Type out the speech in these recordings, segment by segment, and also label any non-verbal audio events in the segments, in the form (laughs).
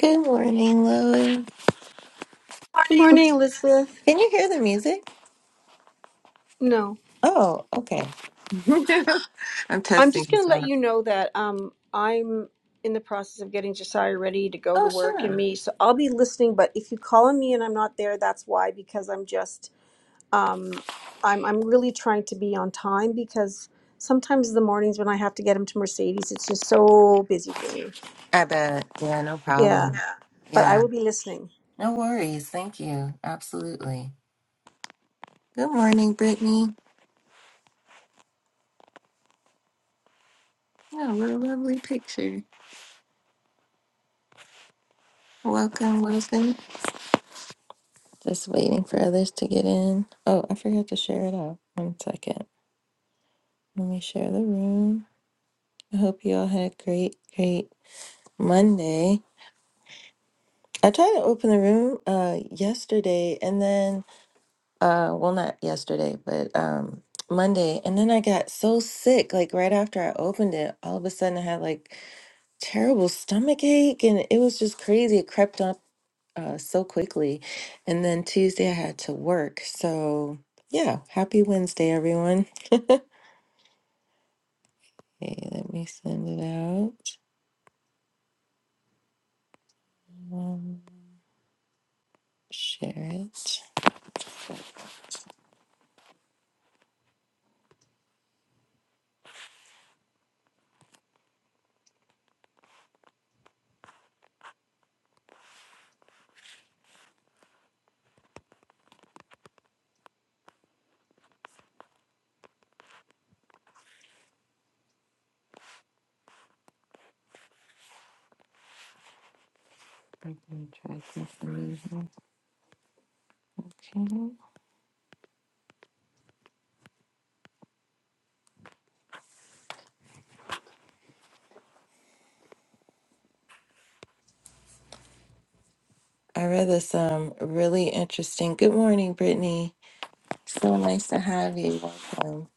Good morning, Lois. Good morning, Elizabeth. Can you hear the music? No, Oh, okay. (laughs) I'm I'm testing just going this to let out. you know that um, I'm in the process of getting Josiah ready to go to Oh, work and sure. me. So I'll be listening. But if you call on me and I'm not there, that's why, because I'm just, um, I'm, I'm really trying to be on time because sometimes the mornings when I have to get him to Mercedes, it's just so busy for me. I bet. Yeah, no Yeah. problem. But I Yeah. will be listening. No worries. Thank you. Absolutely. Good morning, Brittany. Yeah, what a lovely picture. Welcome, Wilson. Just waiting for others to get in. Oh, I forgot to share it out. One second. Let me share the room. I hope you all had a great, great Monday. I tried to open the room uh yesterday and then uh well not yesterday, but um Monday and then I got so sick like right after I opened it, all of a sudden I had like terrible stomach ache and it was just crazy. It crept up uh so quickly. And then Tuesday I had to work. So yeah, happy Wednesday, everyone. Okay, let me send it out. Um, share it. I'm gonna try something new here. Okay. I read this um really interesting. Good morning, Brittany. So nice to have you. Welcome.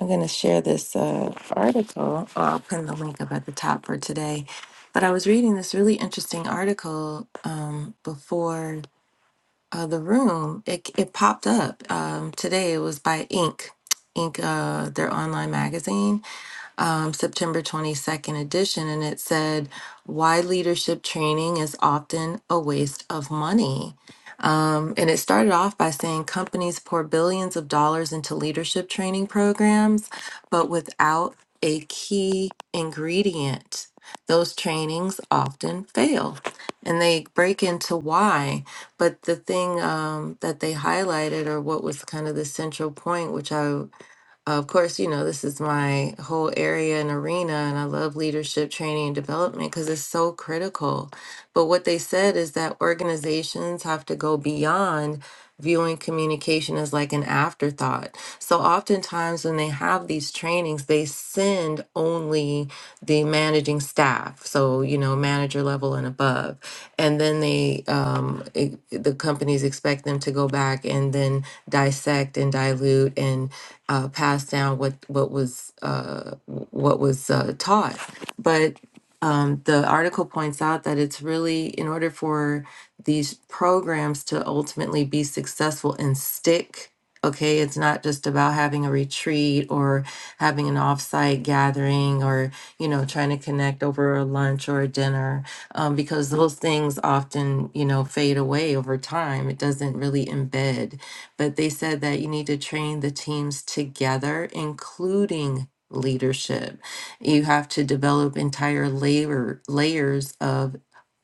I'm gonna share this uh, article. Oh, I'll put the link up at the top for today. But I was reading this really interesting article um, before uh, the room. It, it popped up um, today. It was by Inc. Inc. Uh, their online magazine um, September 22nd edition, and it said, Why leadership training is often a waste of money. Um, and it started off by saying companies pour billions of dollars into leadership training programs, but without a key ingredient, those trainings often fail. And they break into why. But the thing um, that they highlighted, or what was kind of the central point, which I of course, you know, this is my whole area and arena, and I love leadership training and development because it's so critical. But what they said is that organizations have to go beyond viewing communication as like an afterthought. So oftentimes when they have these trainings, they send only the managing staff, so, you know, manager level and above. And then they, um, it, the companies expect them to go back and then dissect and dilute and uh, pass down what what was uh, what was uh, taught. But um, the article points out that it's really in order for these programs to ultimately be successful and stick. Okay, it's not just about having a retreat or having an offsite gathering or you know trying to connect over a lunch or a dinner um, because those things often you know fade away over time. It doesn't really embed but they said that you need to train the teams together, including leadership. You have to develop entire layer layers of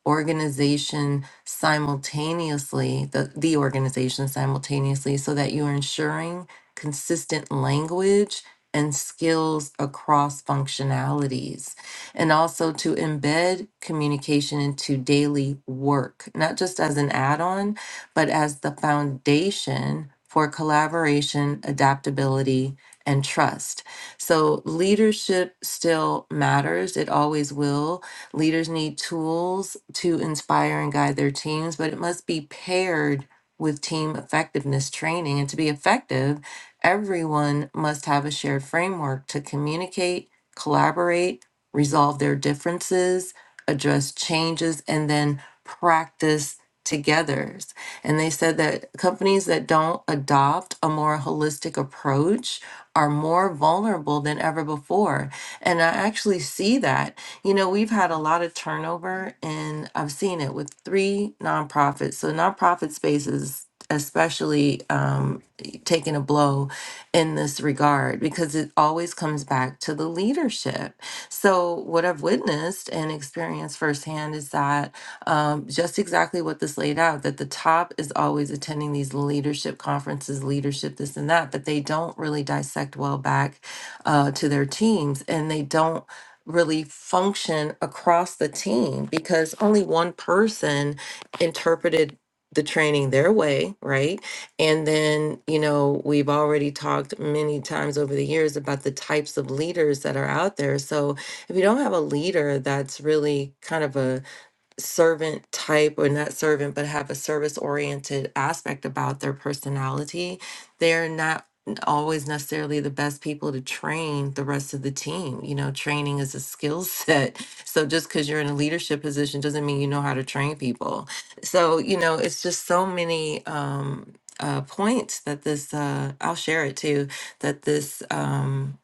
organization simultaneously, the, the organization simultaneously, so that you are ensuring consistent language and skills across functionalities. And also to embed communication into daily work, not just as an add on, but as the foundation for collaboration, adaptability, and trust. So leadership still matters. It always will. Leaders need tools to inspire and guide their teams, but it must be paired with team effectiveness training. And to be effective, everyone must have a shared framework to communicate, collaborate, resolve their differences, address changes, and then practice together. And they said that companies that don't adopt a more holistic approach are more vulnerable than ever before. And I actually see that. You know, we've had a lot of turnover, and I've seen it with three nonprofits. So, nonprofit space is especially um, taking a blow in this regard because it always comes back to the leadership. So, what I've witnessed and experienced firsthand is that um, just exactly what this laid out that the top is always attending these leadership conferences, leadership, this and that, but they don't really dissect well back uh, to their teams and they don't really function across the team because only one person interpreted the training their way, right? And then, you know, we've already talked many times over the years about the types of leaders that are out there. So, if you don't have a leader that's really kind of a servant type or not servant but have a service oriented aspect about their personality they're not always necessarily the best people to train the rest of the team you know training is a skill set (laughs) so just because you're in a leadership position doesn't mean you know how to train people so you know it's just so many um uh, points that this uh, i'll share it too that this um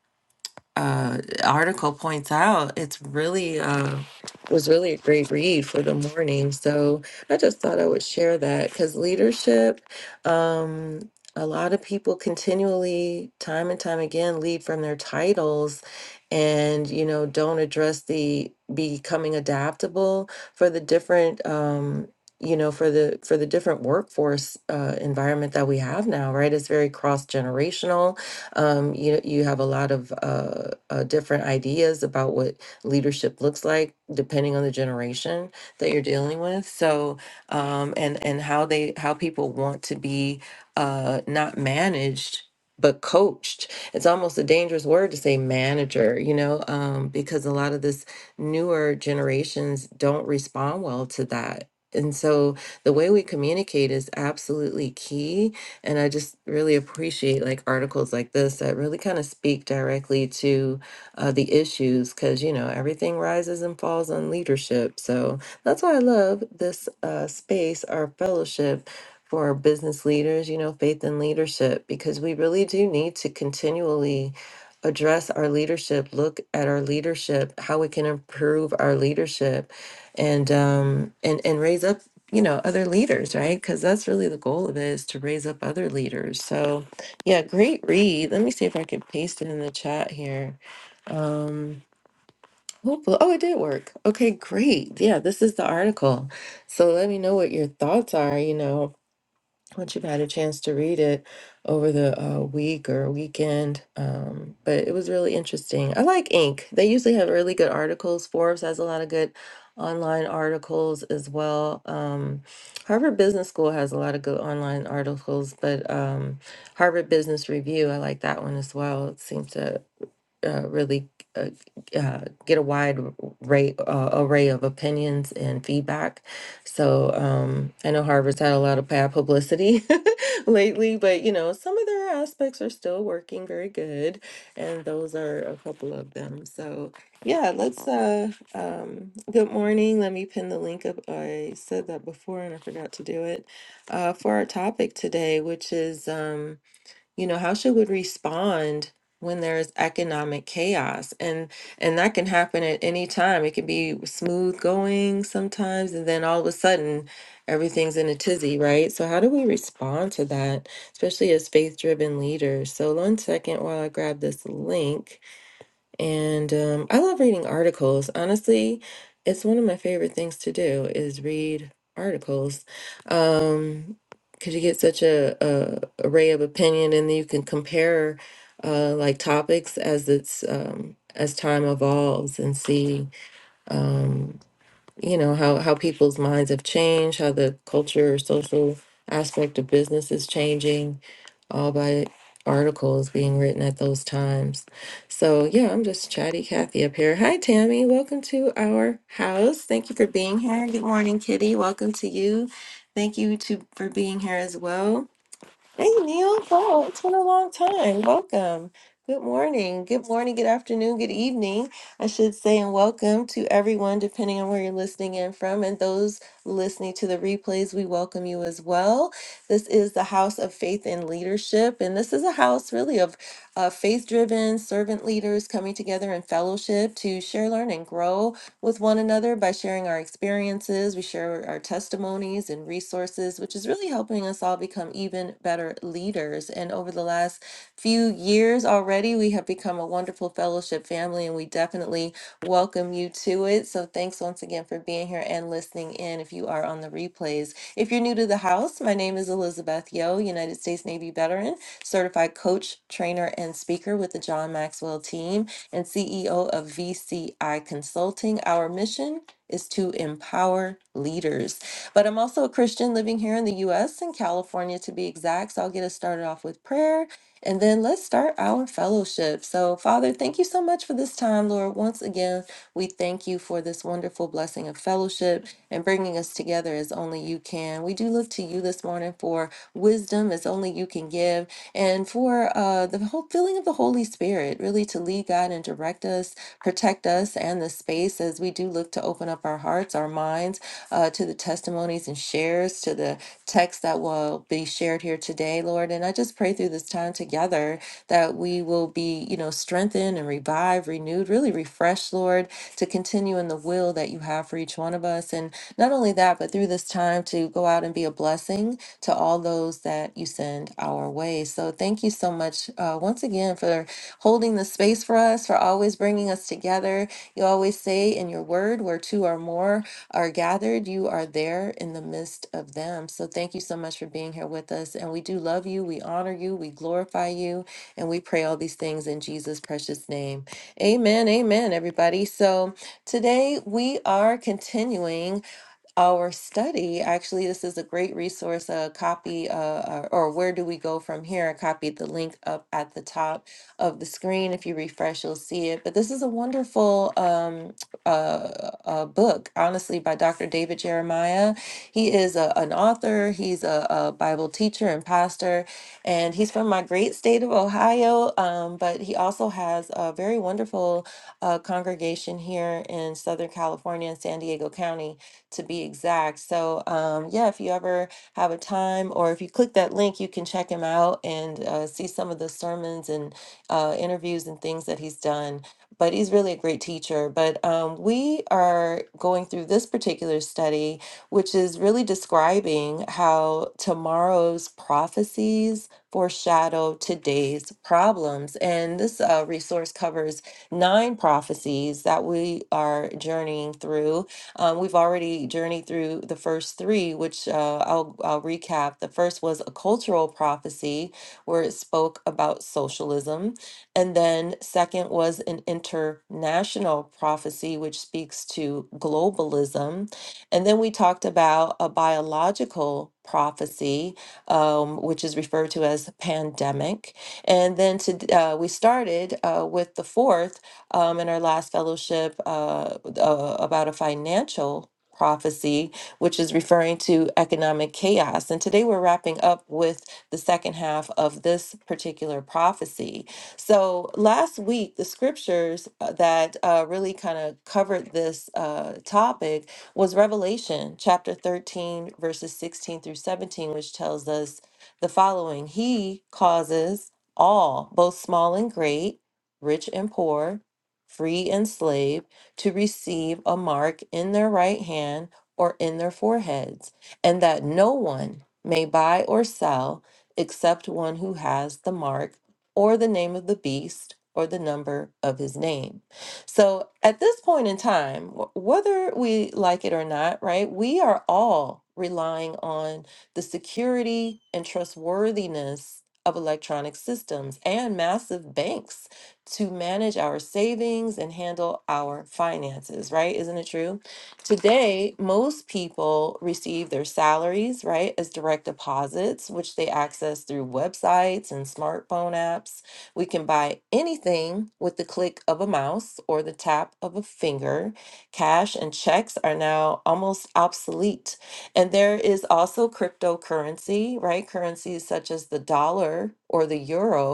uh, article points out, it's really uh, it was really a great read for the morning. So I just thought I would share that because leadership, um, a lot of people continually, time and time again, lead from their titles, and you know don't address the becoming adaptable for the different. Um, you know for the for the different workforce uh, environment that we have now right it's very cross generational um, you you have a lot of uh, uh, different ideas about what leadership looks like, depending on the generation that you're dealing with. So, um, and and how they how people want to be uh, not managed. But coached. It's almost a dangerous word to say manager, you know, um, because a lot of this newer generations don't respond well to that. And so the way we communicate is absolutely key and I just really appreciate like articles like this that really kind of speak directly to uh, the issues because, you know, everything rises and falls on leadership. So that's why I love this uh, space, our fellowship for business leaders, you know, faith and leadership, because we really do need to continually address our leadership, look at our leadership, how we can improve our leadership and um and and raise up you know other leaders right because that's really the goal of it is to raise up other leaders so yeah great read let me see if i can paste it in the chat here um hopefully oh it did work okay great yeah this is the article so let me know what your thoughts are you know once you've had a chance to read it over the uh, week or weekend. Um, but it was really interesting. I like Inc. They usually have really good articles. Forbes has a lot of good online articles as well. Um, Harvard Business School has a lot of good online articles, but um, Harvard Business Review, I like that one as well. It seems to uh, really uh, uh, get a wide array, uh, array of opinions and feedback. So um, I know Harvard's had a lot of bad publicity (laughs) lately, but you know some of their aspects are still working very good, and those are a couple of them. So yeah, let's. Uh, um, good morning. Let me pin the link up. I said that before and I forgot to do it uh, for our topic today, which is. Um, you know how should we respond when there's economic chaos and and that can happen at any time it can be smooth going sometimes and then all of a sudden everything's in a tizzy right so how do we respond to that especially as faith driven leaders so one second while i grab this link and um, I love reading articles. Honestly, it's one of my favorite things to do is read articles. Um, because you get such a, a array of opinion and then you can compare uh like topics as it's um as time evolves and see um you know how how people's minds have changed, how the culture or social aspect of business is changing all by articles being written at those times. So, yeah, I'm just chatty Kathy up here. Hi, Tammy. Welcome to our house. Thank you for being here. Good morning, Kitty. Welcome to you. Thank you to for being here as well. Hey Neil, wow, it's been a long time. Welcome. Good morning. Good morning, good afternoon, good evening, I should say, and welcome to everyone, depending on where you're listening in from. And those listening to the replays, we welcome you as well. This is the House of Faith and Leadership, and this is a house really of uh, faith driven servant leaders coming together in fellowship to share, learn, and grow with one another by sharing our experiences. We share our testimonies and resources, which is really helping us all become even better leaders. And over the last few years already, we have become a wonderful fellowship family, and we definitely welcome you to it. So thanks once again for being here and listening in if you are on the replays. If you're new to the house, my name is Elizabeth Yo, United States Navy veteran, certified coach, trainer, and speaker with the John Maxwell team and CEO of VCI Consulting. Our mission is to empower leaders. But I'm also a Christian living here in the US, in California to be exact. So I'll get us started off with prayer and then let's start our fellowship. So, Father, thank you so much for this time, Lord. Once again, we thank you for this wonderful blessing of fellowship and bringing us together as only you can. We do look to you this morning for wisdom as only you can give and for uh, the whole feeling of the Holy Spirit, really to lead God and direct us, protect us and the space as we do look to open up our hearts, our minds uh, to the testimonies and shares, to the text that will be shared here today, Lord. And I just pray through this time together that we will be, you know, strengthened and revived, renewed, really refreshed, Lord, to continue in the will that you have for each one of us. And not only that, but through this time to to go out and be a blessing to all those that you send our way. So thank you so much uh, once again for holding the space for us, for always bringing us together. You always say in your word, where two or more are gathered, you are there in the midst of them. So thank you so much for being here with us. And we do love you, we honor you, we glorify you, and we pray all these things in Jesus' precious name. Amen. Amen, everybody. So today we are continuing our study. Actually, this is a great resource. A copy, uh, uh, or where do we go from here? I copied the link up at the top of the screen. If you refresh, you'll see it. But this is a wonderful um, uh, uh, book, honestly, by Dr. David Jeremiah. He is a, an author, he's a, a Bible teacher and pastor, and he's from my great state of Ohio. Um, but he also has a very wonderful uh, congregation here in Southern California in San Diego County to be exact. So, um, yeah, if you ever have a time or if you click that link, you can check him out and uh, see some of the sermons and uh, interviews and things that he's done. But he's really a great teacher. But um, we are going through this particular study, which is really describing how tomorrow's prophecies foreshadow today's problems. And this uh, resource covers nine prophecies that we are journeying through um, we've already journeyed through the first three, which uh, I'll, I'll recap. The first was a cultural prophecy, where it spoke about socialism. And then, second was an international prophecy, which speaks to globalism. And then we talked about a biological prophecy, um, which is referred to as pandemic. And then to, uh, we started uh, with the fourth um, in our last fellowship uh, uh, about a financial prophecy, which is referring to economic chaos. And today we're wrapping up with the second half of this particular prophecy. So last week, the scriptures uh, that uh, really kind of covered this uh, topic was Revelation chapter 13, verses 16 through 17, which tells us the following He causes all, both small and great, rich and poor free and slave, to receive a mark in their right hand or in their foreheads, and that no one may buy or sell except one who has the mark or the name of the beast or the number of his name. So at this point in time, wh- whether we like it or not, right, we are all relying on the security and trustworthiness of electronic systems and massive banks to manage our savings and handle our finances, right? Isn't it true? Today, most people receive their salaries, right, as direct deposits, which they access through websites and smartphone apps. We can buy anything with the click of a mouse or the tap of a finger. Cash and checks are now almost obsolete. And there is also cryptocurrency, right? Currencies such as the dollar or the euro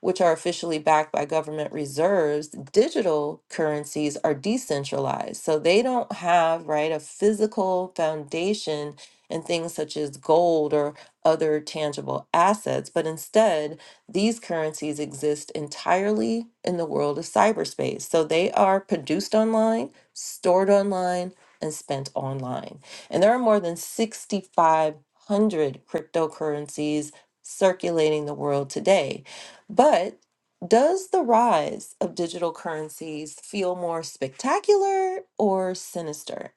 which are officially backed by government reserves, digital currencies are decentralized. So they don't have, right, a physical foundation in things such as gold or other tangible assets, but instead, these currencies exist entirely in the world of cyberspace. So they are produced online, stored online, and spent online. And there are more than 6,500 cryptocurrencies circulating the world today but does the rise of digital currencies feel more spectacular or sinister?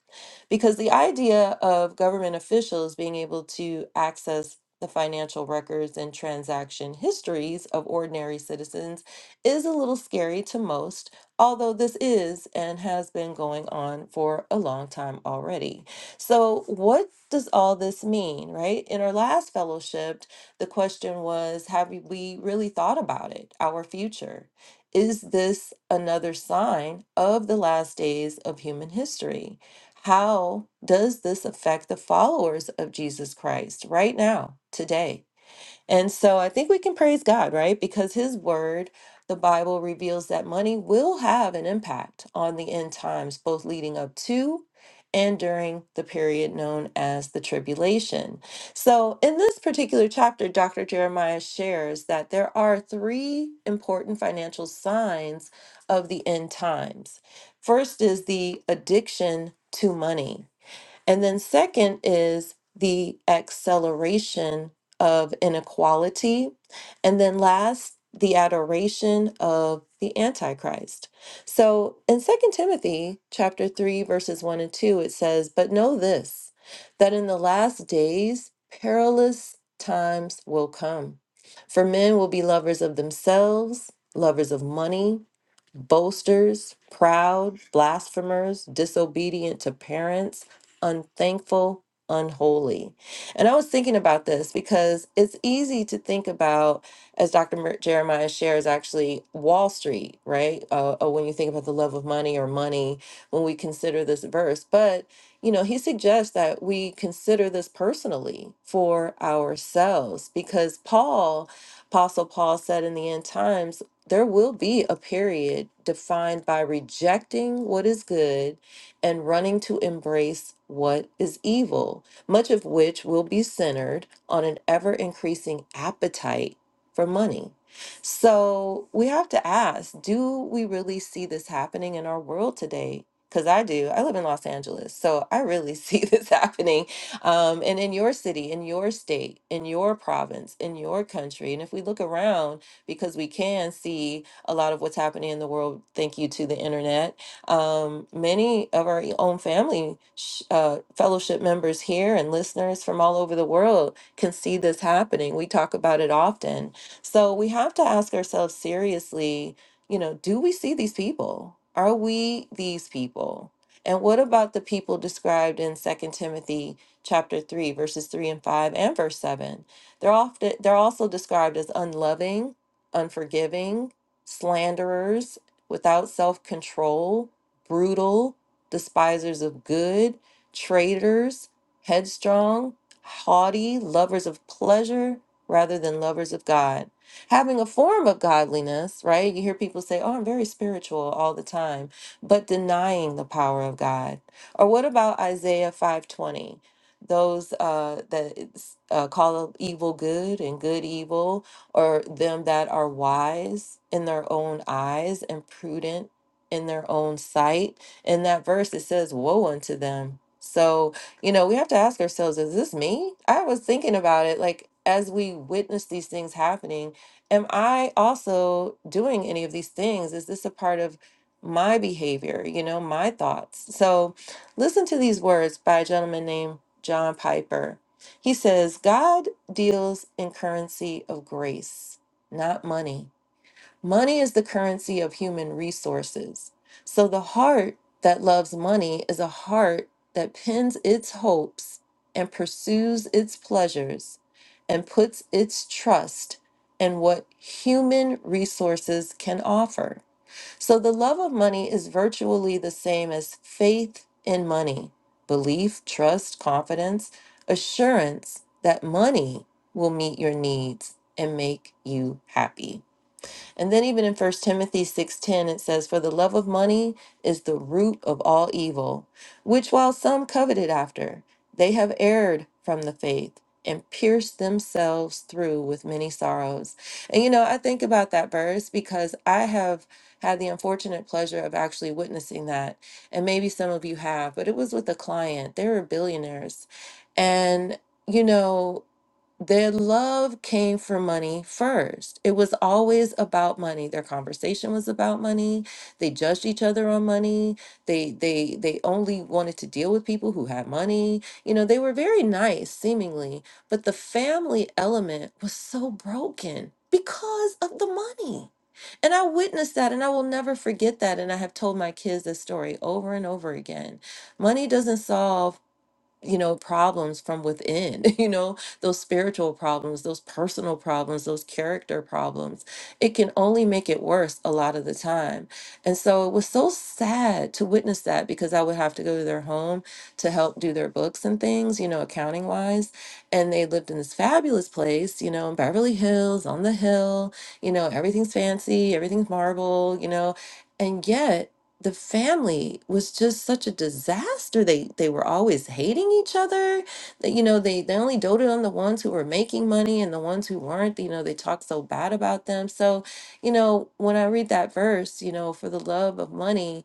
Because the idea of government officials being able to access the financial records and transaction histories of ordinary citizens is a little scary to most, although this is and has been going on for a long time already. So, what does all this mean, right? In our last fellowship, the question was Have we really thought about it, our future? Is this another sign of the last days of human history? How does this affect the followers of Jesus Christ right now, today? And so I think we can praise God, right? Because his word, the Bible reveals that money will have an impact on the end times, both leading up to and during the period known as the tribulation. So, in this particular chapter, Dr. Jeremiah shares that there are three important financial signs of the end times. First is the addiction to money. And then, second, is the acceleration of inequality. And then, last, the adoration of the antichrist so in Second timothy chapter 3 verses 1 and 2 it says but know this that in the last days perilous times will come for men will be lovers of themselves lovers of money boasters proud blasphemers disobedient to parents unthankful, unholy. And I was thinking about this because it's easy to think about, as Dr. Mer- Jeremiah shares, actually Wall Street, right? Uh, uh, when you think about the love of money or money, when we consider this verse, but you know, he suggests that we consider this personally for ourselves because Paul, Apostle Paul said in the end times, there will be a period defined by rejecting what is good and running to embrace what is evil, much of which will be centered on an ever increasing appetite for money. So we have to ask do we really see this happening in our world today? Because I do. I live in Los Angeles, so I really (laughs) see this happening. Um, and in your city, in your state, in your province, in your country. And if we look around, because we can see a lot of what's happening in the world, thank you to the internet um, many of our own family sh- uh, fellowship members here and listeners from all over the world can see this happening. We talk about it often. So we have to ask ourselves seriously, you know, do we see these people? Are we these people? And what about the people described in Second Timothy chapter 3 verses 3 and 5 and verse 7? They're often they're also described as unloving, unforgiving, slanderers, without self-control, brutal, despisers of good, traitors, headstrong, haughty, lovers of pleasure rather than lovers of God. Having a form of godliness, right? You hear people say, oh, I'm very spiritual all the time, but denying the power of God. Or what about Isaiah 520? Those uh, that it's, uh, call evil good and good evil, or them that are wise in their own eyes and prudent in their own sight. In that verse, it says, Woe unto them. So, you know, we have to ask ourselves, is this me? I was thinking about it like as we witness these things happening, am I also doing any of these things? Is this a part of my behavior, you know, my thoughts? So, listen to these words by a gentleman named John Piper. He says, God deals in currency of grace, not money. Money is the currency of human resources. So the heart that loves money is a heart that pins its hopes and pursues its pleasures and puts its trust in what human resources can offer. So the love of money is virtually the same as faith in money, belief, trust, confidence, assurance that money will meet your needs and make you happy. And then even in First Timothy 6:10 it says for the love of money is the root of all evil, which while some coveted after, they have erred from the faith and pierced themselves through with many sorrows. And you know, I think about that verse because I have had the unfortunate pleasure of actually witnessing that. And maybe some of you have, but it was with a client. They were billionaires. And you know, their love came from money first. It was always about money. Their conversation was about money. They judged each other on money. They they they only wanted to deal with people who had money. You know, they were very nice seemingly, but the family element was so broken because of the money. And I witnessed that and I will never forget that and I have told my kids this story over and over again. Money doesn't solve you know problems from within (laughs) you know those spiritual problems those personal problems those character problems it can only make it worse a lot of the time and so it was so sad to witness that because i would have to go to their home to help do their books and things you know accounting wise and they lived in this fabulous place you know in beverly hills on the hill you know everything's fancy everything's marble you know and yet the family was just such a disaster. They they were always hating each other. That you know, they they only doted on the ones who were making money and the ones who weren't, you know, they talked so bad about them. So, you know, when I read that verse, you know, for the love of money,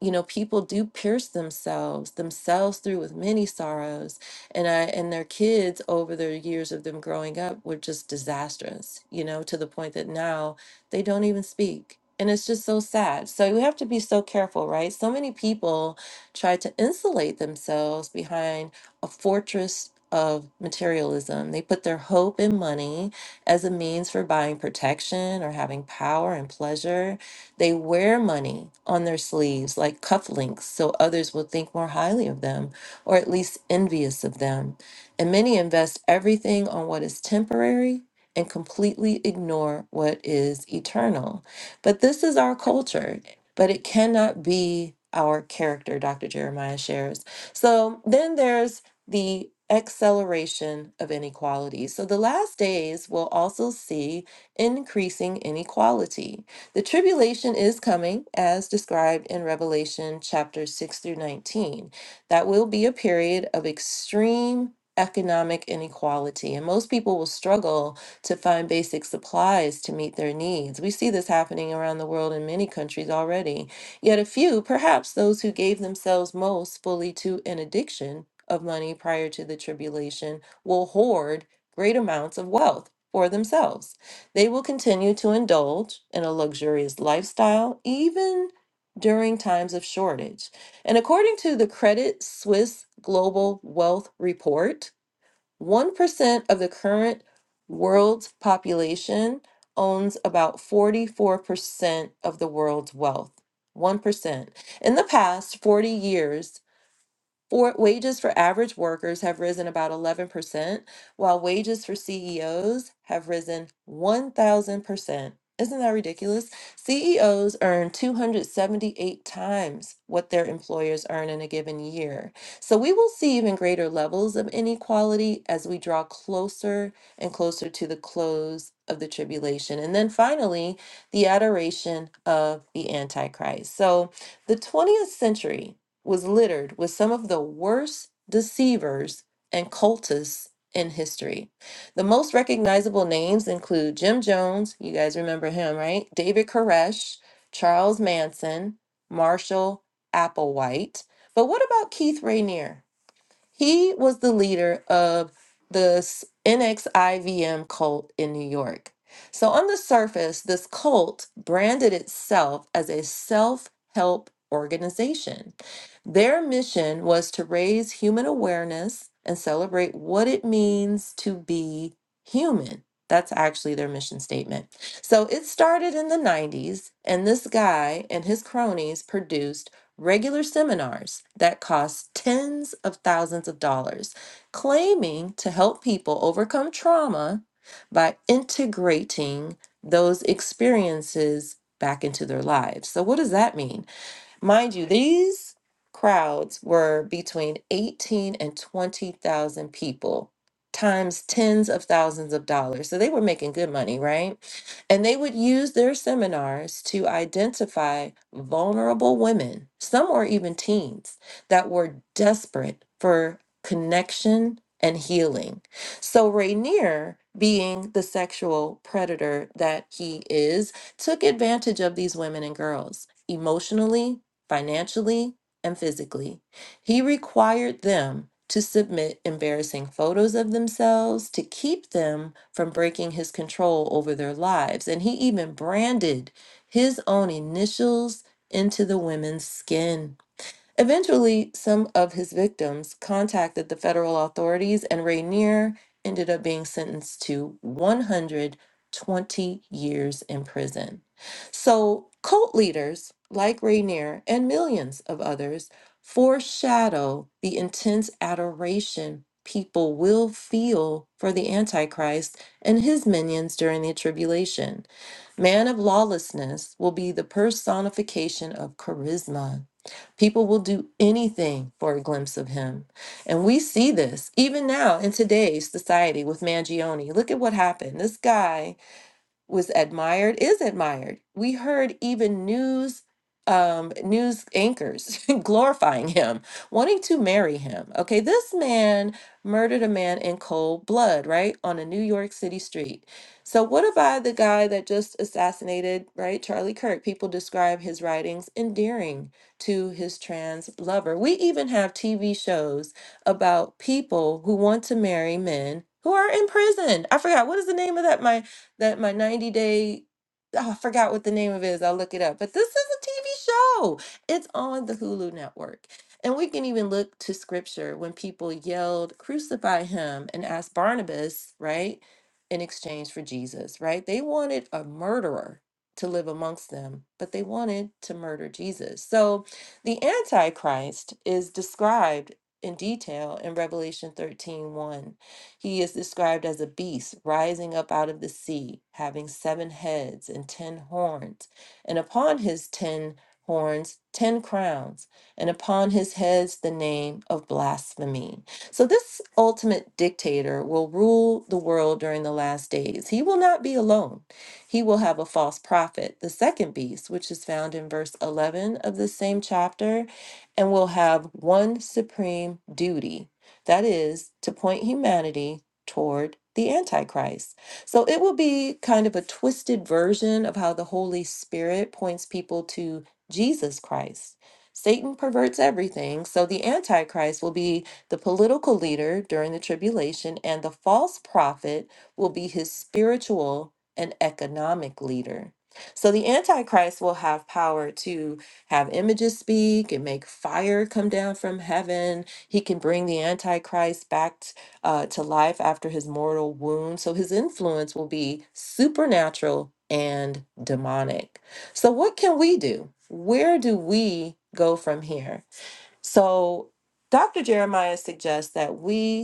you know people do pierce themselves themselves through with many sorrows and i and their kids over their years of them growing up were just disastrous you know to the point that now they don't even speak and it's just so sad so you have to be so careful right so many people try to insulate themselves behind a fortress of materialism they put their hope in money as a means for buying protection or having power and pleasure they wear money on their sleeves like cufflinks so others will think more highly of them or at least envious of them. And many invest everything on what is temporary and completely ignore what is eternal. But this is our culture, but it cannot be our character, Dr. Jeremiah shares. So then there's the acceleration of inequality. So the last days will also see increasing inequality. The tribulation is coming, as described in Revelation chapters 6 through 19. That will be a period of extreme economic inequality, and most people will struggle to find basic supplies to meet their needs. We see this happening around the world in many countries already. Yet a few, perhaps those who gave themselves most fully to an addiction of money prior to the tribulation, will hoard great amounts of wealth for themselves. They will continue to indulge in a luxurious lifestyle even during times of shortage. And according to the Credit Suisse Global Wealth Report, 1% of the current world's population owns about 44% of the world's wealth. 1%. In the past 40 years, for wages for average workers have risen about 11%, while wages for CEOs have risen 1,000% isn't that ridiculous? CEOs earn 278 times what their employers earn in a given year. So we will see even greater levels of inequality as we draw closer and closer to the close of the tribulation. And then finally, the adoration of the Antichrist. So the 20th century was littered with some of the worst deceivers and cultists in history. The most recognizable names include Jim Jones, you guys remember him, right? David Koresh, Charles Manson, Marshall Applewhite. But what about Keith Rainier? He was the leader of the s- NXIVM cult in New York. So, on the surface, this cult branded itself as a self help organization. Their mission was to raise human awareness and celebrate what it means to be human. That's actually their mission statement. So it started in the 90s, and this guy and his cronies produced regular seminars that cost tens of thousands of dollars, claiming to help people overcome trauma by integrating those experiences back into their lives. So, what does that mean? Mind you, these crowds were between 18 and 20,000 people times tens of thousands of dollars. So they were making good money, right? And they would use their seminars to identify vulnerable women, some or even teens, that were desperate for connection and healing. So Rainier, being the sexual predator that he is, took advantage of these women and girls emotionally financially and physically. He required them to submit embarrassing photos of themselves to keep them from breaking his control over their lives. And he even branded his own initials into the women's skin. Eventually, some of his victims contacted the federal authorities, and Rainier ended up being sentenced to 120 years in prison. So, cult leaders like Rainier and millions of others foreshadow the intense adoration people will feel for the Antichrist and his minions during the tribulation. Man of lawlessness will be the personification of charisma People will do anything for a glimpse of him. And we see this even now in today's society with Mangione. Look at what happened. This guy was admired is admired. We heard even news um news anchors (laughs) glorifying him, wanting to marry him. Okay, this man murdered a man in cold blood, right? On a New York City street. So what about the guy that just assassinated, right? Charlie Kirk. People describe his writings endearing to his trans lover. We even have TV shows about people who want to marry men who are in prison. I forgot what is the name of that? My that my 90 day oh, I forgot what the name of it is. I'll look it up. But this is a TV show. It's on the Hulu network. And we can even look to scripture when people yelled, crucify him, and asked Barnabas, right, in exchange for Jesus, right? They wanted a murderer to live amongst them, but they wanted to murder Jesus. So the Antichrist is described in detail in Revelation thirteen one. He is described as a beast rising up out of the sea, having seven heads and ten horns, and upon his ten horns, ten crowns, and upon his heads the name of blasphemy. So, this ultimate dictator will rule the world during the last days. He will not be alone. He will have a false prophet, the second beast, which is found in verse 11 of the same chapter, and will have one supreme duty. That is to point humanity toward the Antichrist. So it will be kind of a twisted version of how the Holy Spirit points people to Jesus Christ. Satan perverts everything, so the Antichrist will be the political leader during the tribulation, and the false prophet will be his spiritual and economic leader. So the Antichrist will have power to have images speak and make fire come down from heaven he can bring the Antichrist back t- uh, to life after his mortal wound. So his influence will be supernatural and demonic. So, what can we do? Where do we go from here? So, Dr. Jeremiah suggests that we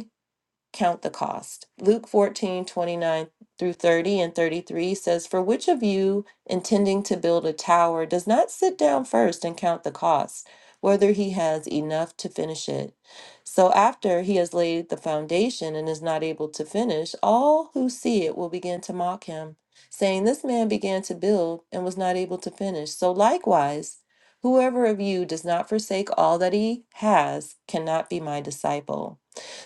count the cost. Luke 14 29 through 30 and 33 says, For which of you intending to build a tower does not sit down first and count the cost, whether he has enough to finish it? So after he has laid the foundation and is not able to finish, all who see it will begin to mock him, saying, 'This man began to build and was not able to finish. So likewise, whoever of you does not forsake all that he has cannot be my disciple.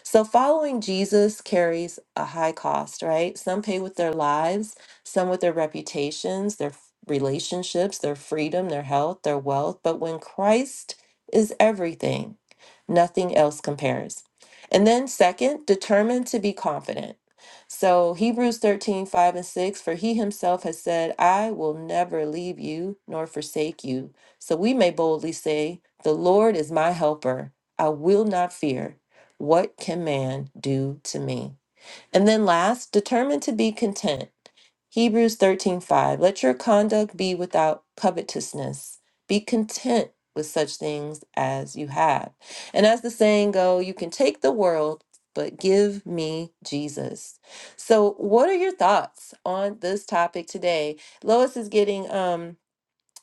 So following Jesus carries a high cost, right? Some pay with their lives, some with their reputations, their f- relationships, their freedom, their health, their wealth. But when Christ is everything, nothing else compares. And then, second, determined to be confident. So Hebrews 13 5 and 6, for he himself has said, I will never leave you nor forsake you. So we may boldly say, The Lord is my helper. I will not fear. What can man do to me? And then last, determine to be content. Hebrews 13:5 Let your conduct be without covetousness. Be content with such things as you have. And as the saying go, you can take the world, but give me Jesus. So, what are your thoughts on this topic today? Lois is getting um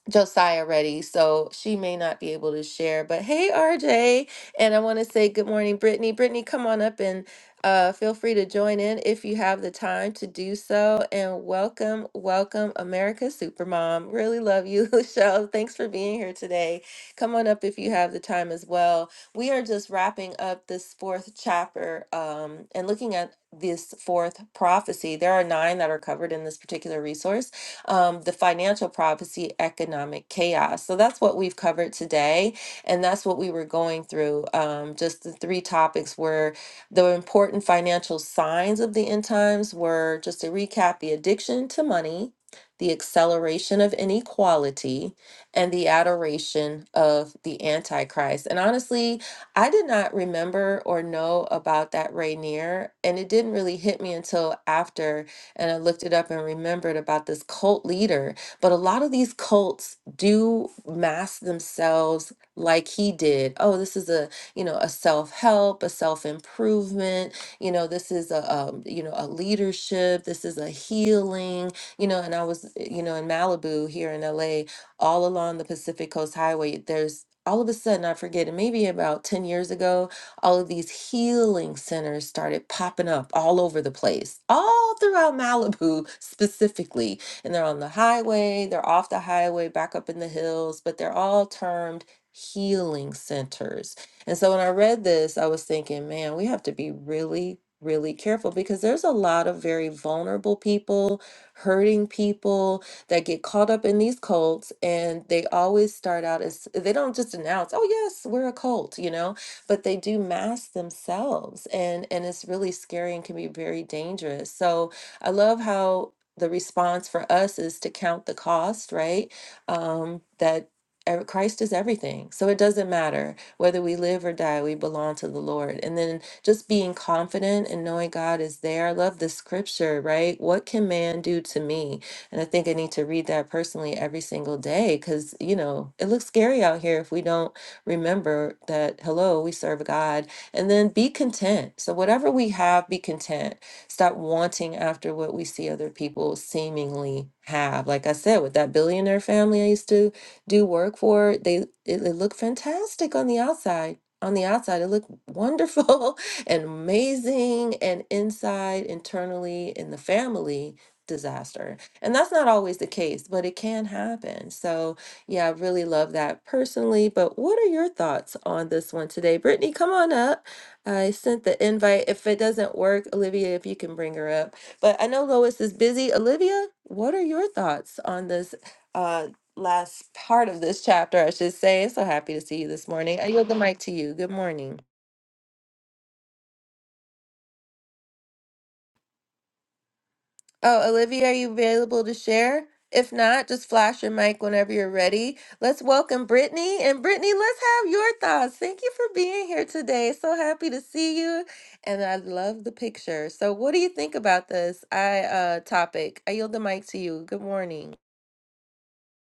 Josiah ready, so she may not be able to share. But hey, RJ, and I want to say good morning, Brittany. Brittany, come on up and uh, feel free to join in if you have the time to do so. And welcome, welcome, America Supermom. Really love you, (laughs) Michelle. Thanks for being here today. Come on up if you have the time as well. We are just wrapping up this fourth chapter um, and looking at this fourth prophecy. There are nine that are covered in this particular resource um, the financial prophecy, economic chaos. So that's what we've covered today. And that's what we were going through. Um, just the three topics were the important financial signs of the end times were just to recap the addiction to money, the acceleration of inequality, and the adoration of the Antichrist. And honestly, I did not remember or know about that Rainier, and it didn't really hit me until after and I looked it up and remembered about this cult leader. But a lot of these cults do mask themselves like he did. Oh, this is a you know a self help, a self improvement. You know, this is a um, you know a leadership. This is a healing. You know, and I was you know in Malibu here in LA, all along the Pacific Coast Highway. There's all of a sudden I forget, it maybe about ten years ago, all of these healing centers started popping up all over the place, all throughout Malibu specifically. And they're on the highway, they're off the highway, back up in the hills, but they're all termed healing centers. And so when I read this, I was thinking, man, we have to be really, really careful because there's a lot of very vulnerable people, hurting people that get caught up in these cults. And they always start out as they don't just announce, oh, yes, we're a cult, you know? but they do mask themselves and and it's really scary and can be very dangerous so i love how the response for us is to count the cost right um that ev- Christ is everything. So it doesn't matter whether we live or die, we belong to the Lord. And then just being confident and knowing God is there. I love the scripture, right? What can man do to me? And I think I need to read that personally every single day because, you know, it looks scary out here if we don't Remember that, hello, we serve God. And then be content. So, whatever we have, be content. Stop wanting after what we see other people seemingly have. Like I said, with that billionaire family I used to do work for, they it, it looked fantastic on the outside. On the outside, it looked wonderful (laughs) and amazing, and inside, internally, in the family, disaster. And that's not always the case, but it can happen. So, yeah, I really love that personally. But what are your thoughts on this one today? Brittany, come on up. I sent the invite. If it doesn't work, Olivia, if you can bring her up. But I know Lois is busy. Olivia, what are your thoughts on this uh, last part of this chapter? I should say. So happy to see you this morning. I yield the mic to you. Good morning. Oh, Olivia, are you available to share? If not, just flash your mic whenever you're ready. Let's welcome Brittany. And Brittany, let's have your thoughts. Thank you for being here today. So happy to see you. And I love the picture. So, what do you think about this I uh, topic? I yield the mic to you. Good morning.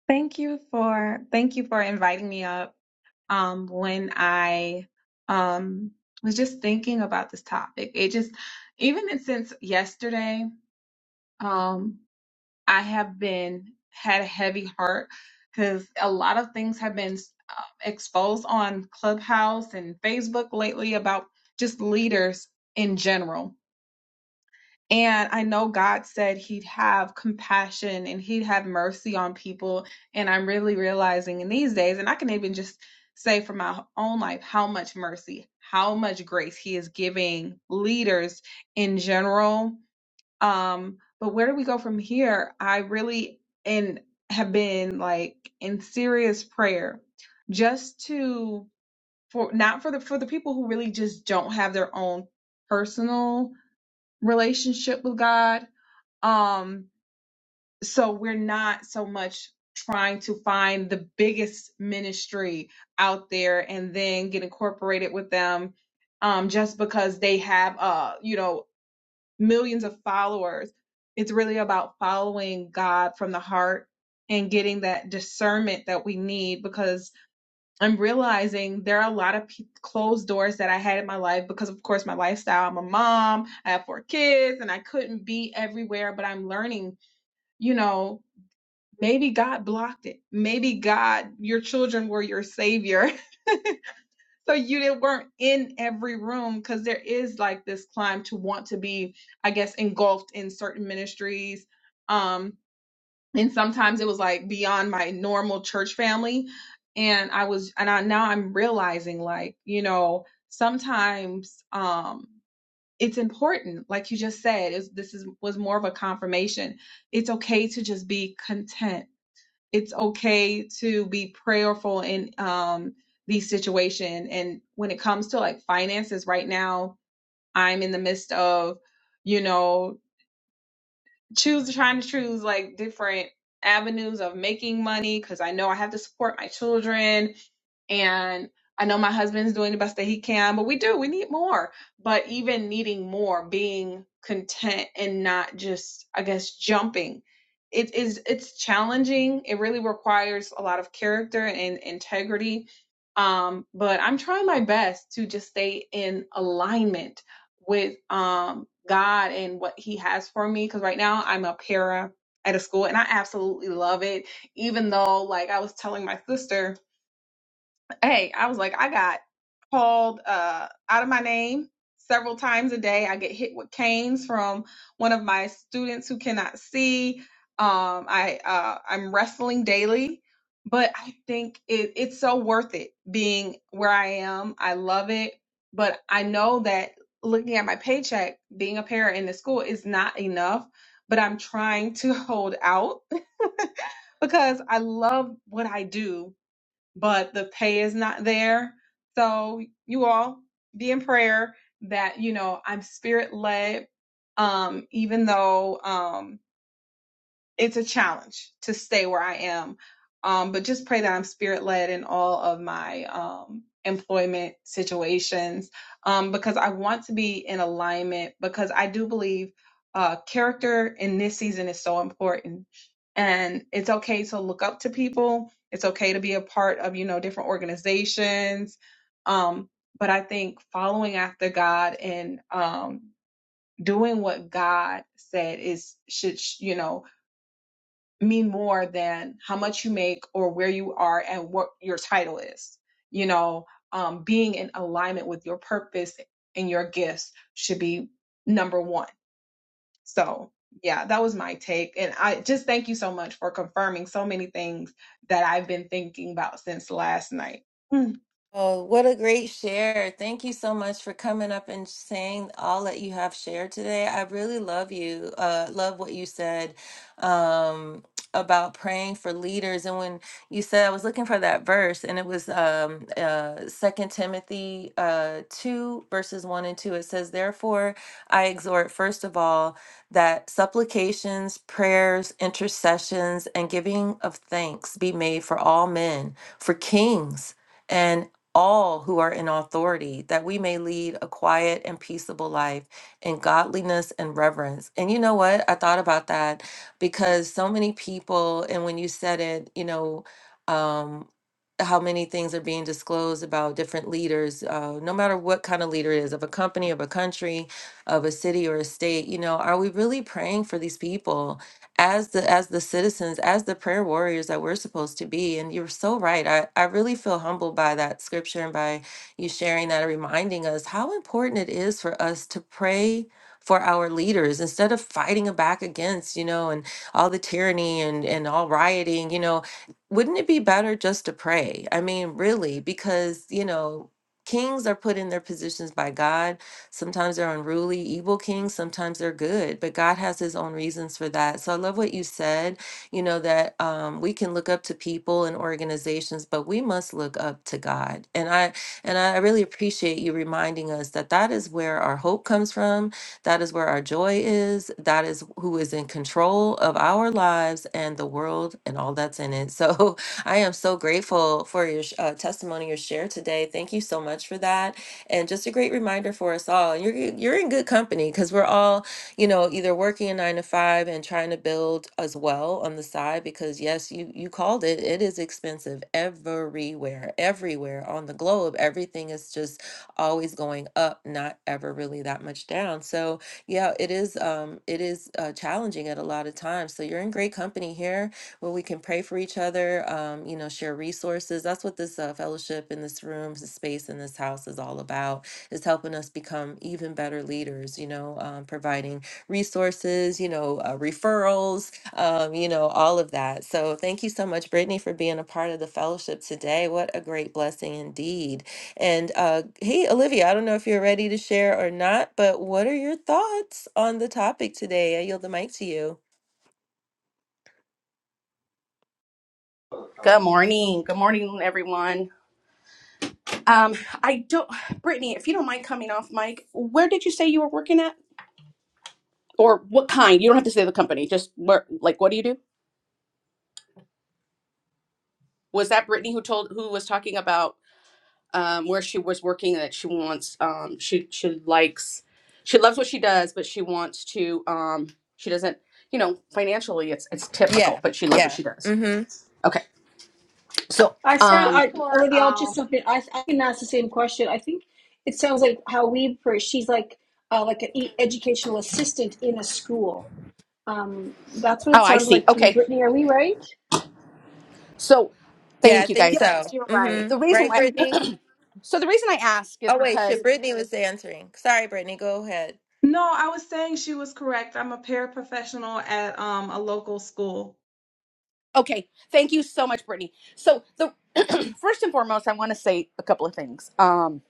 Thank you for thank you for inviting me up. Um, when I um was just thinking about this topic, it just even in- since yesterday, um, I have been had a heavy heart because a lot of things have been uh, exposed on Clubhouse and Facebook lately about just leaders in general and I know God said He'd have compassion and He'd have mercy on people. And I'm really realizing in these days, and I can even just say for my own life, how much mercy, how much grace He is giving leaders in general. Um, but where do we go from here? I really and have been like in serious prayer just to for not for the for the people who really just don't have their own personal relationship with God um, so we're not so much trying to find the biggest ministry out there and then get incorporated with them um, just because they have, uh, you know, millions of followers. It's really about following God from the heart and getting that discernment that we need because I'm realizing there are a lot of pe- closed doors that I had in my life because, of course, my lifestyle. I'm a mom, I have four kids, and I couldn't be everywhere, but I'm learning you know, maybe God blocked it. Maybe God, your children were your savior. (laughs) So you didn't, weren't in every room because there is like this climb to want to be, I guess, engulfed in certain ministries. Um, and sometimes it was like beyond my normal church family. And I was, and I now I'm realizing like, you know, sometimes, um, it's important, like you just said, is this is was more of a confirmation. It's okay to just be content it's okay to be prayerful in um these situation and when it comes to like finances right now i'm in the midst of you know choose trying to choose like different avenues of making money because I know I have to support my children and I know my husband's doing the best that he can, but we do, we need more. But even needing more, being content and not just, I guess, jumping. It is it's challenging. It really requires a lot of character and integrity. Um, but I'm trying my best to just stay in alignment with um God and what he has for me cuz right now I'm a para at a school and I absolutely love it even though like I was telling my sister hey, I was like, I got called uh, out of my name several times a day. I get hit with canes from one of my students who cannot see. Um, I uh, I'm wrestling daily, but I think it, it's so worth it being where I am. I love it, but I know that looking at my paycheck, being a parent in the school is not enough. But I'm trying to (laughs) hold out because I love what I do but the pay is not there. So you all be in prayer that, you know, I'm spirit led. Um, even though, um, it's a challenge to stay where I am. Um, but just pray that I'm spirit led in all of my um, employment situations um, because I want to be in alignment because I do believe uh, character in this season is so important. And it's okay to look up to people, it's okay to be a part of, you know, different organizations. Um, but I think following after God and um, doing what God said is should you know mean more than how much you make or where you are and what your title is. You know, um, being in alignment with your purpose and your gifts should be number one. So, yeah, that was my take. And I just thank you so much for confirming so many things that I've been thinking about since last night. Hmm. Oh, what a great share. Thank you so much for coming up and saying all that you have shared today. I really love you. Uh, love what you said um, about praying for leaders. And when you said, I was looking for that verse, and it was um, uh, 2 Timothy uh, 2, verses 1 and 2. It says, Therefore, I exhort, first of all, that supplications, prayers, intercessions, and giving of thanks be made for all men, for kings and all who are in authority, that we may lead a quiet and peaceable life in godliness and reverence. And you know what? I thought about that because so many people, and when you said it, you know, um, how many things are being disclosed about different leaders, uh, no matter what kind of leader it is, of a company, of a country, of a city or a state, you know, are we really praying for these people? as the as the citizens as the prayer warriors that we're supposed to be and you're so right i i really feel humbled by that scripture and by you sharing that and reminding us how important it is for us to pray for our leaders instead of fighting back against you know and all the tyranny and and all rioting you know wouldn't it be better just to pray i mean really because you know kings are put in their positions by god Sometimes they're unruly, evil kings, sometimes they're good, but God has his own reasons for that. So I love what you said, you know, that um, we can look up to people and organizations, but we must look up to God. And I and I really appreciate you reminding us that that is where our hope comes from, that is where our joy is, that is who is in control of our lives and the world and all that's in it. So (laughs) I am so grateful for your sh- uh, testimony, your share today. Thank you so much for that and just a great reminder for us all. And you're you're in good company because we're all, you know, either working a nine to five and trying to build as well on the side. Because yes, you you called it. It is expensive everywhere, everywhere on the globe. Everything is just always going up, not ever really that much down. So yeah, it is um it is uh, challenging at a lot of times. So you're in great company here where we can pray for each other, um, you know, share resources. That's what this uh, fellowship in this room, this space in this house is all about, is helping us become even better leaders, you know, um, providing resources, you know, uh, referrals, um, you know, all of that. So thank you so much, Brittany, for being a part of the fellowship today. What a great blessing indeed. And uh, hey, Olivia, I don't know if you're ready to share or not, but what are your thoughts on the topic today? I yield the mic to you. Good morning. Good morning, everyone. Um, I don't, Brittany, if you don't mind coming off mic, where did you say you were working at, or what kind? You don't have to say the company. Just where, like, what do you do? Was that Brittany who told, who was talking about um, where she was working and that she wants, um, she she likes, she loves what she does, but she wants to, um, she doesn't, you know, financially, it's it's typical, Yeah, but she loves what she does. yeah. Okay, so, I sound, Work um, I, for, Olivia, I'll um, just jump in. I, I can ask the same question. I think it sounds like how we, per- she's like, uh, like an e- educational assistant in a school. Um, that's what oh, it I sounded see. like to me. Okay, Brittany, are we right? so, Yeah, thank I you think guys. yes, so. you're right. Mm-hmm. The reason Right, why Brittany? (clears throat) So the reason I ask is Oh, wait, shit, because Brittany was answering. Sorry, Brittany, go ahead. No, I was saying she was correct. I'm a paraprofessional at um, a local school. okay, thank you so much, Brittany. So the (clears throat) first and foremost, I want to say a couple of things. Um,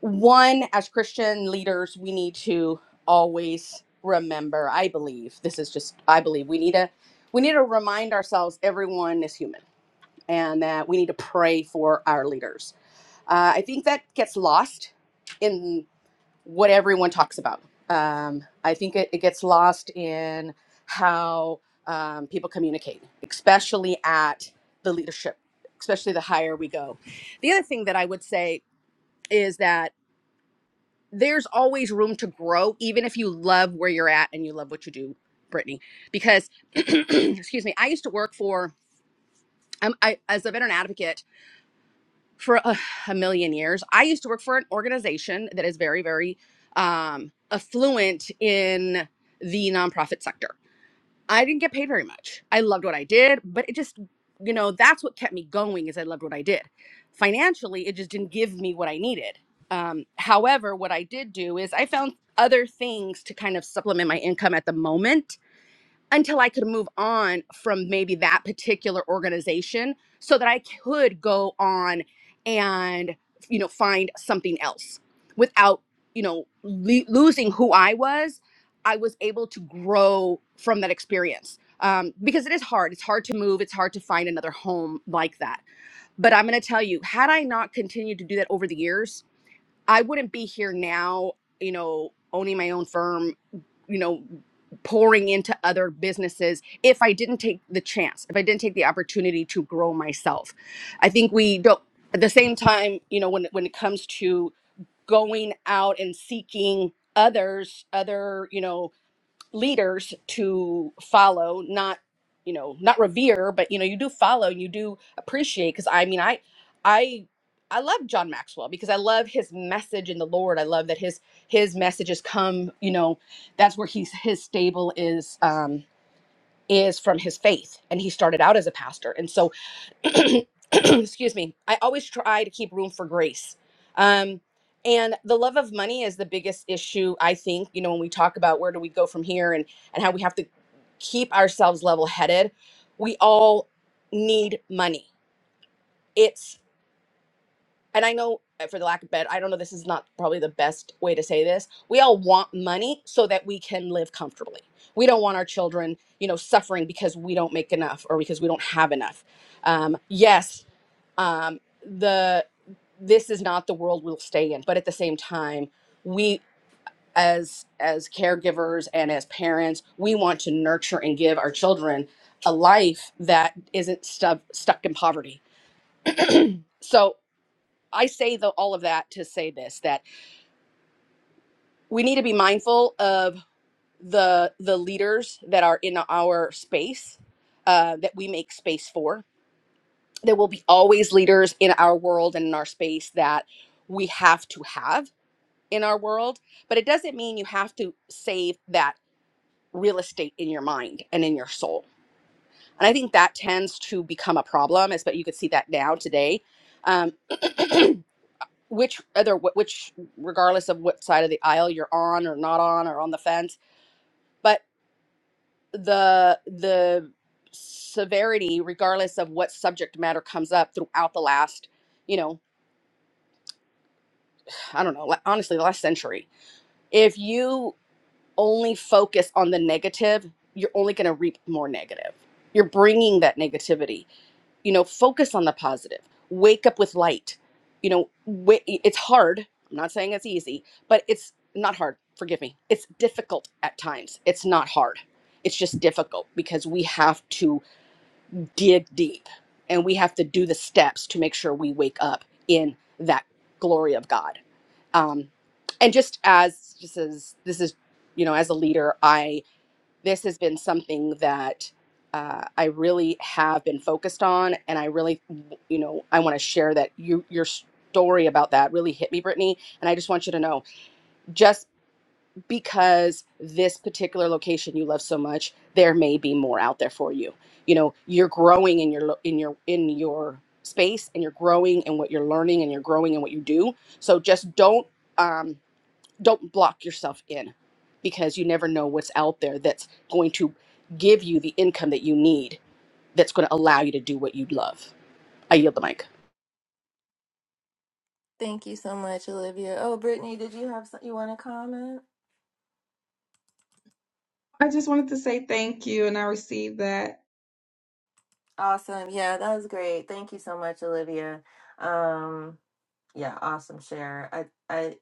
one, as Christian leaders, we need to always remember. I believe this is just. I believe we need to we need to remind ourselves everyone is human, and that we need to pray for our leaders. Uh, I think that gets lost in what everyone talks about. Um, I think it, it gets lost in how um, people communicate, especially at the leadership, especially the higher we go. The other thing that I would say is that there's always room to grow, even if you love where you're at and you love what you do, Brittany. Because, (clears throat) excuse me, I used to work for, I'm, I, as a veteran advocate. for a, (sighs) a million years. I used to work for an organization that is very, very um, affluent in the nonprofit sector. I didn't get paid very much. I loved what I did, but it just, you know, that's what kept me going is I loved what I did. Financially, it just didn't give me what I needed. Um, however, what I did do is I found other things to kind of supplement my income at the moment until I could move on from maybe that particular organization so that I could go on and you know find something else without you know le- losing who I was I was able to grow from that experience um, because it is hard it's hard to move it's hard to find another home like that but I'm going to tell you had I not continued to do that over the years I wouldn't be here now, you know, owning my own firm, you know, pouring into other businesses if I didn't take the chance, if I didn't take the opportunity to grow myself. I think we don't at the same time, you know, when when it comes to going out and seeking others, other, you know, leaders to follow not you know not revere but you know you do follow you do appreciate because i mean i i i love john maxwell because i love his message in the lord i love that his his messages come you know that's where he's his stable is um is from his faith and he started out as a pastor and so (coughs) (clears throat) excuse me, I always try to keep room for grace. Um, and the love of money is the biggest issue, I think, you know, when we talk about where do we go from here and, and how we have to keep ourselves level headed. We all need money. It's, and I know uh, for the lack of bed, I don't know, this is not probably the best way to say this. We all want money so that we can live comfortably. We don't want our children, you know, suffering because we don't make enough or because we don't have enough. Um, yes, um, the this is not the world we'll stay in but at the same time we as as caregivers and as parents we want to nurture and give our children a life that isn't stuck stuck in poverty so i say the, all of that to say this that we need to be mindful of the the leaders that are in our space uh, that we make space for there will be always leaders in our world and in our space that we have to have in our world, but it doesn't mean you have to save that real estate in your mind and in your soul. And I think that tends to become a problem, as but you could see that now today. Um, (clears throat) which other which regardless of what side of the aisle you're on or not on or on the fence, but the the severity regardless of what subject matter comes up throughout the last, you know, I don't know, like, honestly the last century. If you only focus on the negative, you're only going to reap more negative. You're bringing that negativity. You know, focus on the positive. Wake up with light. You know, wa- it's hard. I'm not saying it's easy, but it's not hard. Forgive me. It's difficult at times. It's not hard. It's just difficult because we have to dig deep and we have to do the steps to make sure we wake up in that glory of God. Um, and just as just as this is, you know, as a leader, I this has been something that uh, I really have been focused on, and I really, you know, I want to share that you your story about that really hit me, Brittany. And I just want you to know, just because this particular location you love so much, there may be more out there for you. You know, you're growing in your lo- in your in your space, and you're growing in what you're learning, and you're growing in what you do. So just don't. Um, don't block yourself in because you never know what's out there that's going to give you the income that you need that's going to allow you to do what you love. I yield the mic. Thank you so much, Olivia. Oh, Brittany, did you have some, you want to comment? I just wanted to say thank you, and I received that. Awesome. Yeah, that was great. Thank you so much, Olivia. Um, Yeah, awesome share. I I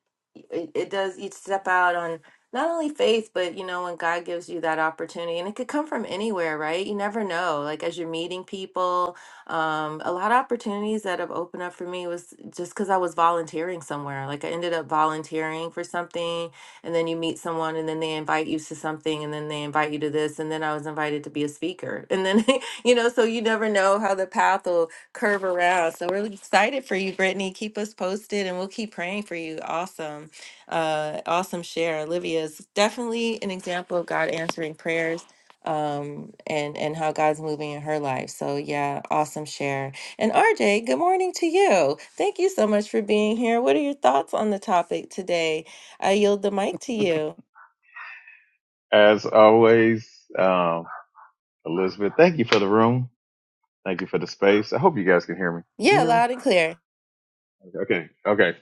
it, it does you step out on not only faith, but you know, when God gives you that opportunity and it could come from anywhere, right? You never know. Like as you're meeting people, um, a lot of opportunities that have opened up for me was just because I was volunteering somewhere. Like I ended up volunteering for something and then you meet someone and then they invite you to something and then they invite you to this and then I was invited to be a speaker. And then (laughs) you know, so you never know how the path will curve around. So we're excited for you, Brittany. Keep us posted and we'll keep praying for you. Awesome. Uh awesome share. Olivia is definitely an example of God answering prayers um and and how God's moving in her life. So yeah, awesome share. And RJ, good morning to you. Thank you so much for being here. What are your thoughts on the topic today? I yield the mic to you. As always, um, Elizabeth, thank you for the room. Thank you for the space. I hope you guys can hear me. Can Yeah, you hear me? loud and clear. Okay. Okay.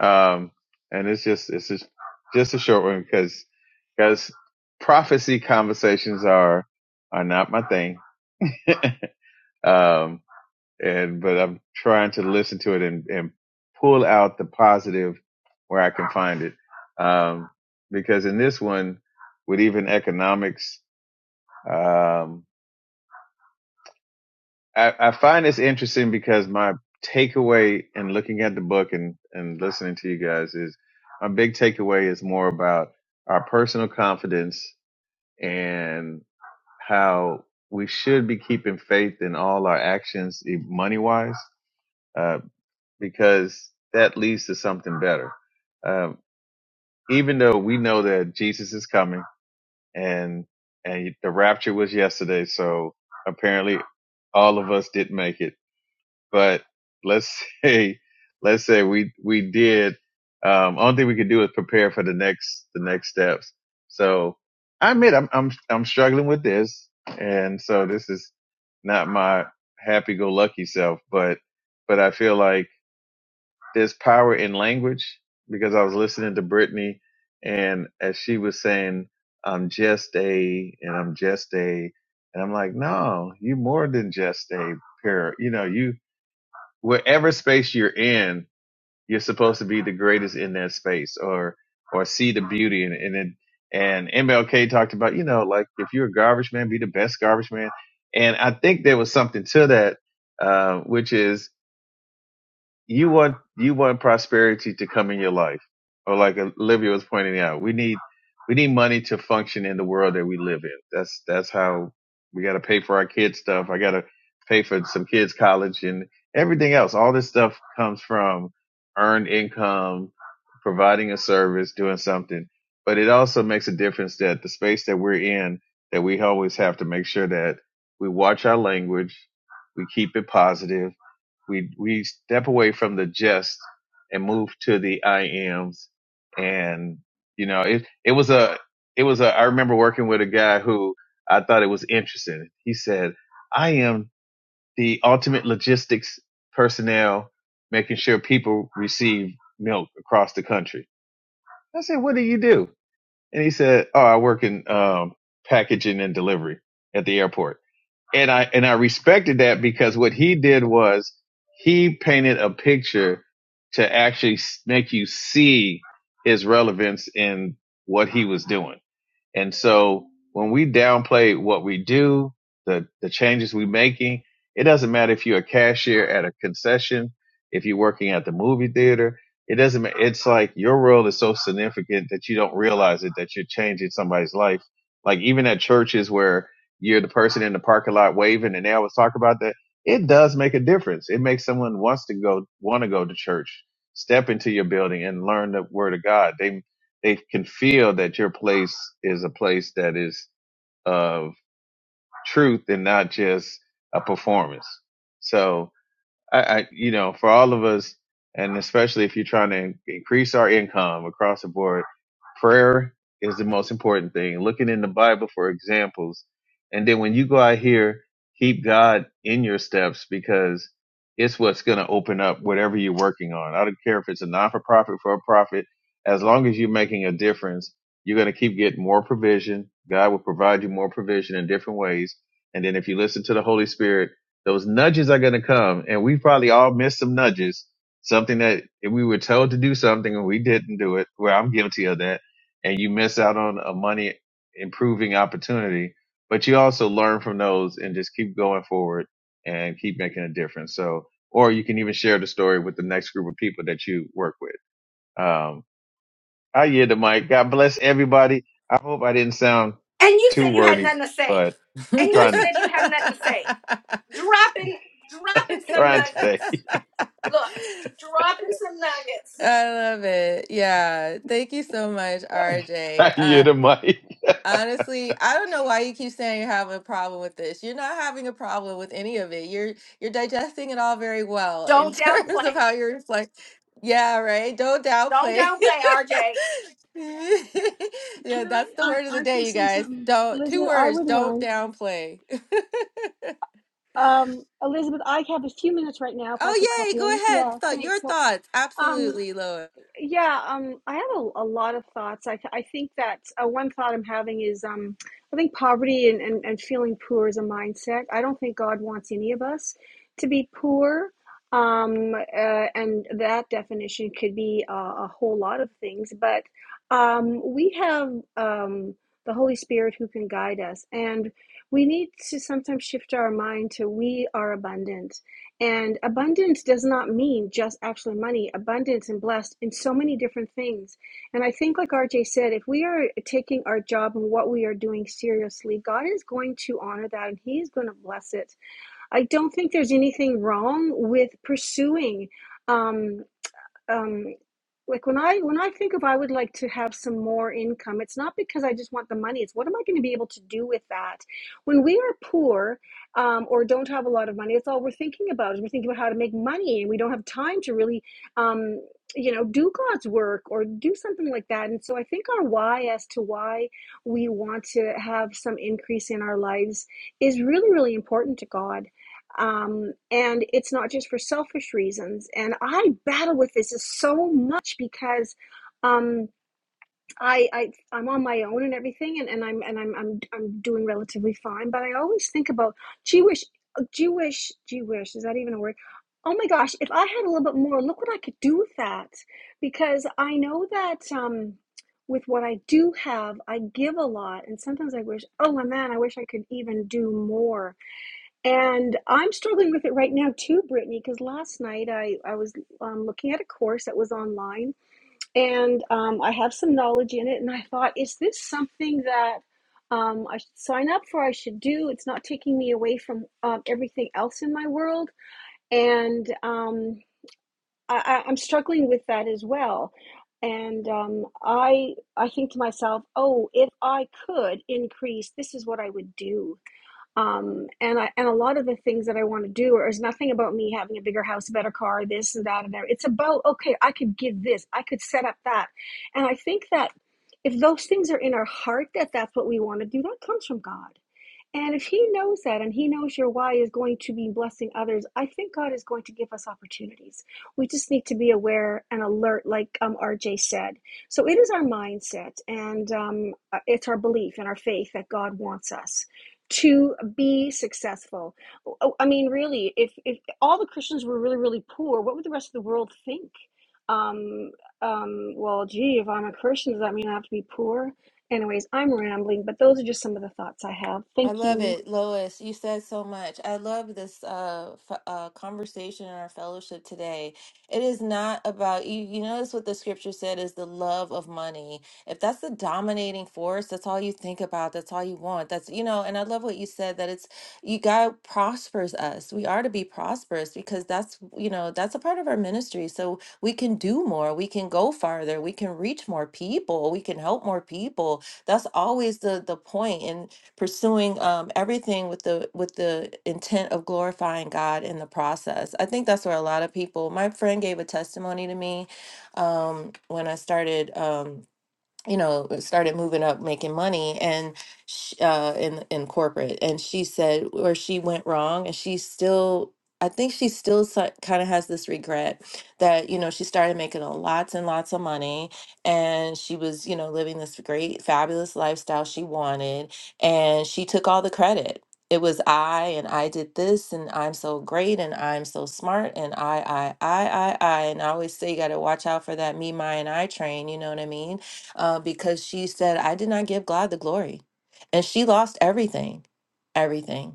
Um, and it's just, it's just, just a short one because, because prophecy conversations are, are not my thing. (laughs) um, and, but I'm trying to listen to it and, and pull out the positive where I can find it. Um, because in this one, with even economics, um, I, I find this interesting because my takeaway in looking at the book and, and listening to you guys is my big takeaway is more about our personal confidence and how we should be keeping faith in all our actions, money wise, uh, because that leads to something better. Um, even though we know that Jesus is coming and, and the rapture was yesterday. So apparently all of us did make it but let's (laughs) say let's say we we did um only thing we could do is prepare for the next the next steps so i admit i'm i'm i'm struggling with this and so this is not my happy go lucky self but but i feel like there's power in language because i was listening to brittany and as she was saying i'm just a and i'm just a and i'm like no you more than just a pair you know you wherever space you're in, you're supposed to be the greatest in that space or or see the beauty in it. And then and MLK talked about, you know, like if you're a garbage man, be the best garbage man. And I think there was something to that, uh, which is you want you want prosperity to come in your life or like olivia was pointing out we need we need money to function in the world that we live in that's that's how we got to pay for our kids stuff i got to pay for some kids college and everything else all this stuff comes from earned income providing a service doing something but it also makes a difference that the space that we're in that we always have to make sure that we watch our language we keep it positive we we step away from the just and move to the I ams and you know it it was a it was a I remember working with a guy who I thought it was interesting. He said, "I am the ultimate logistics personnel making sure people receive milk across the country." I said, "What do you do?" And he said, "Oh, I work in um packaging and delivery at the airport." and I and I respected that because what he did was he painted a picture to actually make you see his relevance in what he was doing. And so when we downplay what we do, the, the changes we're making, it doesn't matter if you're a cashier at a concession, if you're working at the movie theater, it doesn't, matter. it's like your role is so significant that you don't realize it, that you're changing somebody's life. Like even at churches where you're the person in the parking lot waving and they always talk about that. It does make a difference. It makes someone wants to go, want to go to church, step into your building and learn the word of God. They they can feel that your place is a place that is of truth and not just a performance. So I, I you know for all of us and especially if you're trying to increase our income across the board prayer is the most important thing looking in the bible for examples and then when you go out here keep god in your steps because it's what's going to open up whatever you're working on i don't care if it's a non-for-profit for profit, for a profit as long as you're making a difference you're going to keep getting more provision god will provide you more provision in different ways and then if you listen to the holy spirit those nudges are going to come, and we probably all missed some nudges. Something that if we were told to do something and we didn't do it, Well, I'm guilty of that, and you miss out on a money improving opportunity. But you also learn from those and just keep going forward and keep making a difference. So, or you can even share the story with the next group of people that you work with. Um, I yield the mic. God bless everybody. I hope I didn't sound And you too said you had wordy, nothing to say. but And I'm you trying to said you have nothing to say. Dropping, dropping some trying today. nuggets. Look, (laughs) (laughs) dropping some nuggets. I love it. Yeah. Thank you so much, (laughs) RJ. Ay, Uh, Yeremia. honestly, I don't know why you keep saying you have a problem with this. You're not having a problem with any of it. You're you're digesting it all very well in (laughs) Don't terms of downplay. how you're like, yeah, right. Don't Don't downplay. downplay, RJ. (laughs) yeah, Can I, that's the I, word of the I can day, you say guys. something. Don't two Elizabeth, I words, wouldn't don't mind. downplay. (laughs) Um, Elizabeth, I have a few minutes right now if I could oh pop yay, in. go ahead. Yeah, Thought thanks. your So, thoughts. um, Absolutely, Lois. Yeah, um, I have a, a lot of thoughts. I, th- I think that uh, one thought I'm having is um, I think poverty and, and, and feeling poor is a mindset. I don't think God wants any of us to be poor. Um, uh, and that definition could be uh, a whole lot of things, but um, we have um, the Holy Spirit who can guide us. And we need to sometimes shift our mind to we are abundant and abundance does not mean just actually money, abundance and blessed in so many different things. And I think, like RJ said, if we are taking our job and what we are doing seriously, God is going to honor that and He is going to bless it. I don't think there's anything wrong with pursuing. Um, um, like when i when i think of i would like to have some more income it's not because i just want the money it's what am i going to be able to do with that when we are poor um, or don't have a lot of money that's all we're thinking about is we're thinking about how to make money and we don't have time to really um, you know do god's work or do something like that and so i think our why as to why we want to have some increase in our lives is really really important to god um, and it's not just for selfish reasons. And I battle with this so much because um, I, I I'm on my own and everything, and, and I'm and I'm, I'm I'm doing relatively fine. But I always think about gee wish, gee wish, gee wish. Is that even a word? Oh my gosh! If I had a little bit more, look what I could do with that. Because I know that um, with what I do have, I give a lot, and sometimes I wish, oh my man, I wish I could even do more and I'm struggling with it right now too, Brittany, because last night I, I was um, looking at a course that was online and um, I have some knowledge in it. And I thought, is this something that um, I should sign up for? I should do? It's not taking me away from um, everything else in my world. And um, I, I- I'm struggling with that as well. And um, I, I think to myself, oh, if I could increase, this is what I would do um, and I, and a lot of the things that I want to do are, is nothing about me having a bigger house, a better car, this and that and there. It's about okay, I could give this, I could set up that, and I think that if those things are in our heart, that that's what we want to do, that comes from God. And if he knows that and he knows your why is going to be blessing others, I think God is going to give us opportunities. We just need to be aware and alert, like um, RJ said. So it is our mindset and um, uh, it's our belief and our faith that God wants us to be successful. Oh, I mean, really, if, if all the Christians were really, really poor, what would the rest of the world think? Um, um, well, gee, if I'm a Christian, does that mean I have to be poor? Anyways, I'm rambling, but those are just some of the thoughts I have. I Thank love you. it, Lois. You said so much. I love this uh, f uh conversation and our fellowship today. It is not about you. You notice what the scripture said is the love of money. If that's the dominating force, that's all you think about. That's all you want. That's you know. And I love what you said that it's you. God prospers us. We are to be prosperous because that's you know that's a part of our ministry. So we can do more. We can go farther. We can reach more people. We can help more people. That's always the the point. And pursuing um, everything with the with the intent of glorifying God in the process. I think that's where a lot of people. My friend gave a testimony to me um, when I started. Um, you know uh, started moving up making money and sh uh in in corporate and she said where she went wrong and she still I think she still kind of has this regret that you know she started making a lots and lots of money and she was you know living this great fabulous lifestyle she wanted and she took all the credit it was I and I did this and I'm so great and I'm so smart and I I I I I and I always say you got to watch out for that me my and I train you know what I mean uh, because she said, I did not give God the glory. And she lost everything, everything.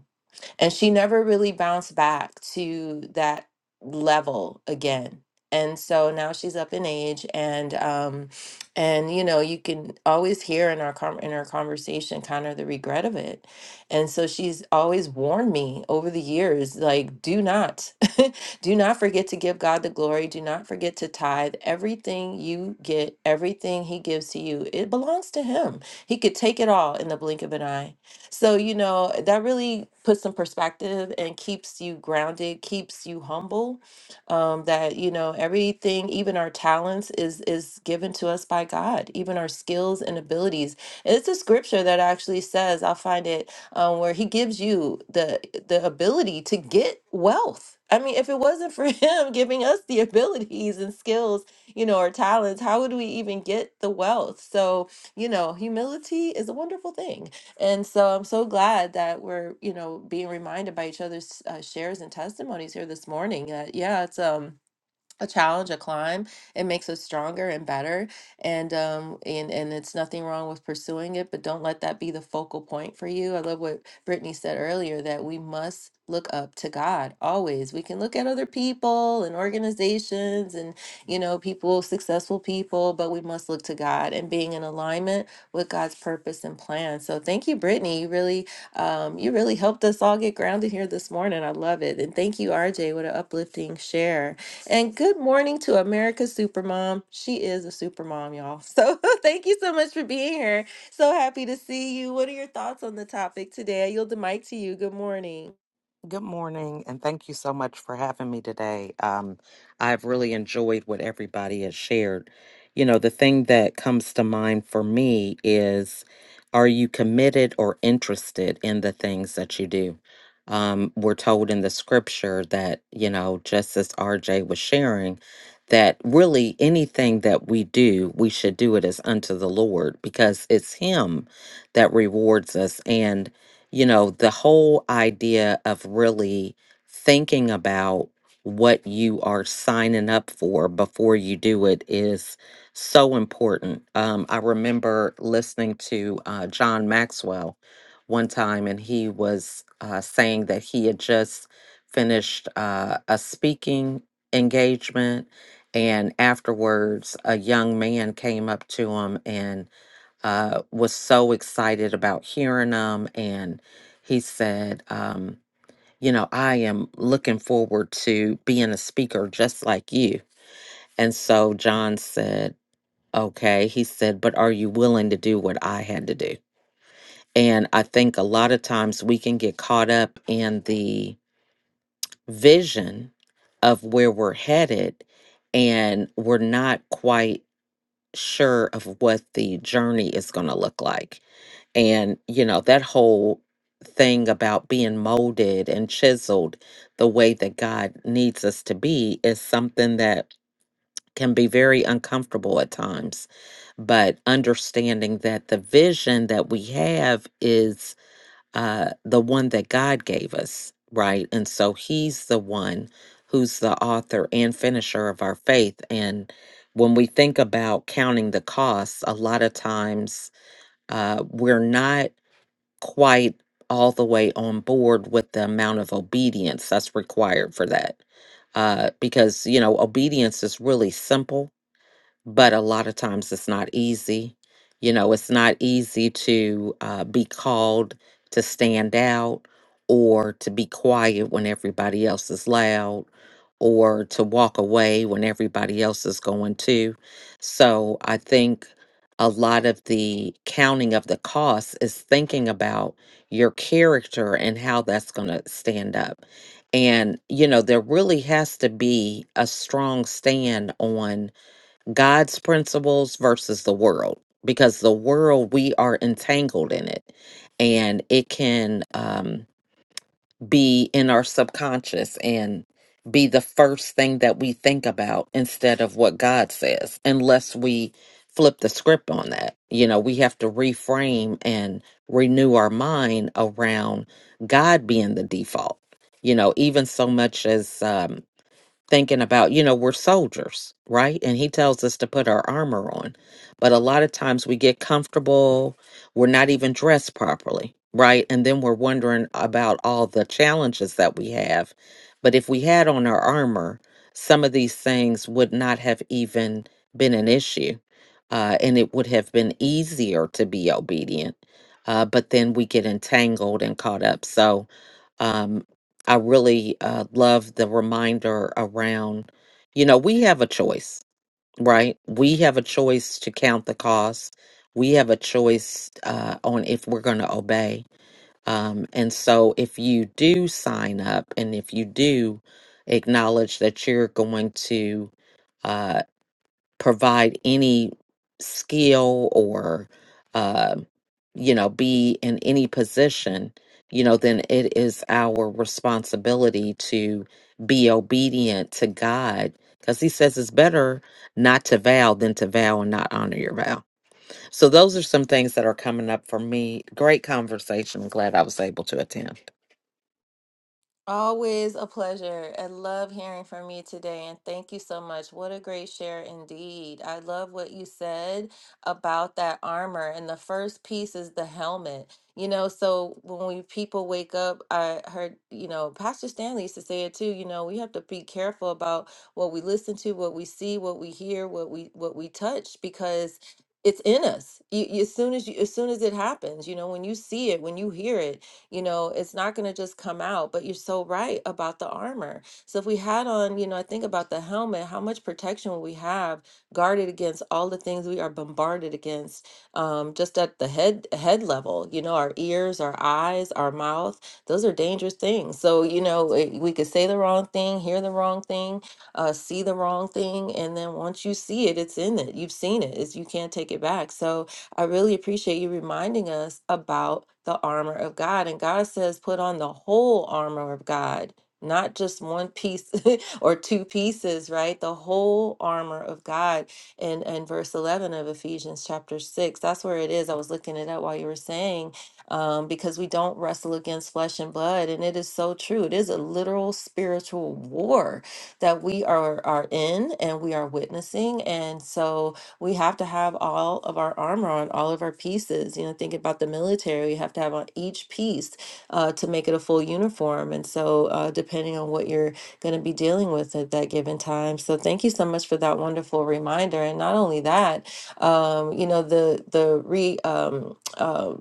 And she never really bounced back to that level again. And so now she's up in age and um and you know you can always hear in our com- in our conversation kind of the regret of it. And so she's always warned me over the years like do not (laughs) do not forget to give God the glory, do not forget to tithe. Everything you get, everything he gives to you, it belongs to him. He could take it all in the blink of an eye. So, you know, that really puts some perspective and keeps you grounded, keeps you humble. Um, that, you know, everything, even our talents, is is given to us by God, even our skills and abilities. And it's a scripture that actually says, I'll find it, um, where he gives you the the ability to get wealth. I mean, if it wasn't for (laughs) him giving us the abilities and skills, you know, or talents, how would we even get the wealth? So, you know, humility is a wonderful thing. And so I'm so glad that we're, you know, being reminded by each other's uh, shares and testimonies here this morning that, yeah, it's um a challenge, a climb. It makes us stronger and better. And um and and it's nothing wrong with pursuing it, but don't let that be the focal point for you. I love what Brittany said earlier that we must look up to God always. We can look at other people and organizations and you know people, successful people, but we must look to God and being in alignment with God's purpose and plan. So thank you, Brittany. You really um you really helped us all get grounded here this morning. I love it. And thank you, RJ. What an uplifting share. And good morning to America's Supermom. She is a supermom, y'all. So (laughs) thank you so much for being here. So happy to see you. What are your thoughts on the topic today? I yield the mic to you. Good morning. Good morning, and thank you so much for having me today. Um, I've really enjoyed what everybody has shared. You know, the thing that comes to mind for me is are you committed or interested in the things that you do? Um, we're told in the scripture that, you know, just as RJ was sharing, that really anything that we do, we should do it as unto the Lord because it's Him that rewards us. And you know, the whole idea of really thinking about what you are signing up for before you do it is so important. Um, I remember listening to uh, John Maxwell one time, and he was uh, saying that he had just finished uh, a speaking engagement. And afterwards, a young man came up to him and uh, was so excited about hearing them. And he said, um, You know, I am looking forward to being a speaker just like you. And so John said, Okay. He said, But are you willing to do what I had to do? And I think a lot of times we can get caught up in the vision of where we're headed and we're not quite sure of what the journey is going to look like. and you know that whole thing about being molded and chiseled the way that God needs us to be is something that can be very uncomfortable at times but understanding that the vision that we have is uh the one that God gave us right and so he's the one who's the author and finisher of our faith and when we think about counting the costs a lot of times uh we're not quite all the way on board with the amount of obedience that's required for that. Uh, because, you know, obedience is really simple but a lot of times it's not easy. You know, it's not easy to uh, be called to stand out or to be quiet when everybody else is loud or to walk away when everybody else is going too. So I think a lot of the counting of the costs is thinking about your character and how that's going to stand up. And, you know, there really has to be a strong stand on God's principles versus the world because the world we are entangled in it and it can um, be in our subconscious and be the first thing that we think about instead of what God says unless we flip the script on that you know we have to reframe and renew our mind around God being the default you know even so much as um, thinking about, you know, we're soldiers, right? And he tells us to put our armor on. But a lot of times we get comfortable, we're not even dressed properly, right? And then we're wondering about all the challenges that we have. But if we had on our armor, some of these things would not have even been an issue. Uh, and it would have been easier to be obedient. Uh, but then we get entangled and caught up. So, um, I really uh, love the reminder around, you know, we have a choice, right? We have a choice to count the cost. We have a choice uh, on if we're going to obey. Um, and so if you do sign up and if you do acknowledge that you're going to. uh, provide any skill or uh, you know be in any position you know then it is our responsibility to be obedient to god because he says it's better not to vow than to vow and not honor your vow so those are some things that are coming up for me great conversation I'm glad i was able to attend Always a pleasure. I love hearing from you today, and thank you so much. What a great share indeed. I love what you said about that armor, and the first piece is the helmet. You know, so when we people wake up, I heard, you know, Pastor Stanley used to say it too, you know, we have to be careful about what we listen to, what we see, what we hear, what we what we touch, because it's in us. You, you- as soon as you, as soon as it happens, you know, when you see it, when you hear it, you know it's not going to just come out but you're so right about the armor so if we had on you know i think about the helmet how much protection would we have guarded against all the things we are bombarded against um, just at the head head level you know our ears our eyes our mouth those are dangerous things so you know it- we could say the wrong thing hear the wrong thing uh, see the wrong thing and then once you see it it's in it you've seen it it's, you can't take it back so I really appreciate you reminding us about the armor of God. And God says, put on the whole armor of God, not just one piece (laughs) or two pieces, right? The whole armor of God in, in verse 11 of Ephesians chapter 6. That's where it is. I was looking it up while you were saying, um, because we don't wrestle against flesh and blood. And it is so true. It is a literal spiritual war that we are, are in and we are witnessing. And so, we have to have all of our armor on all of our pieces. You know, think about the military, you have to have on each piece uh, to make it a full uniform. And so, uh, depending on what you're going to be dealing with at that given time. So, thank you so much for that wonderful reminder. And not only that, um, you know, the the re um, uh,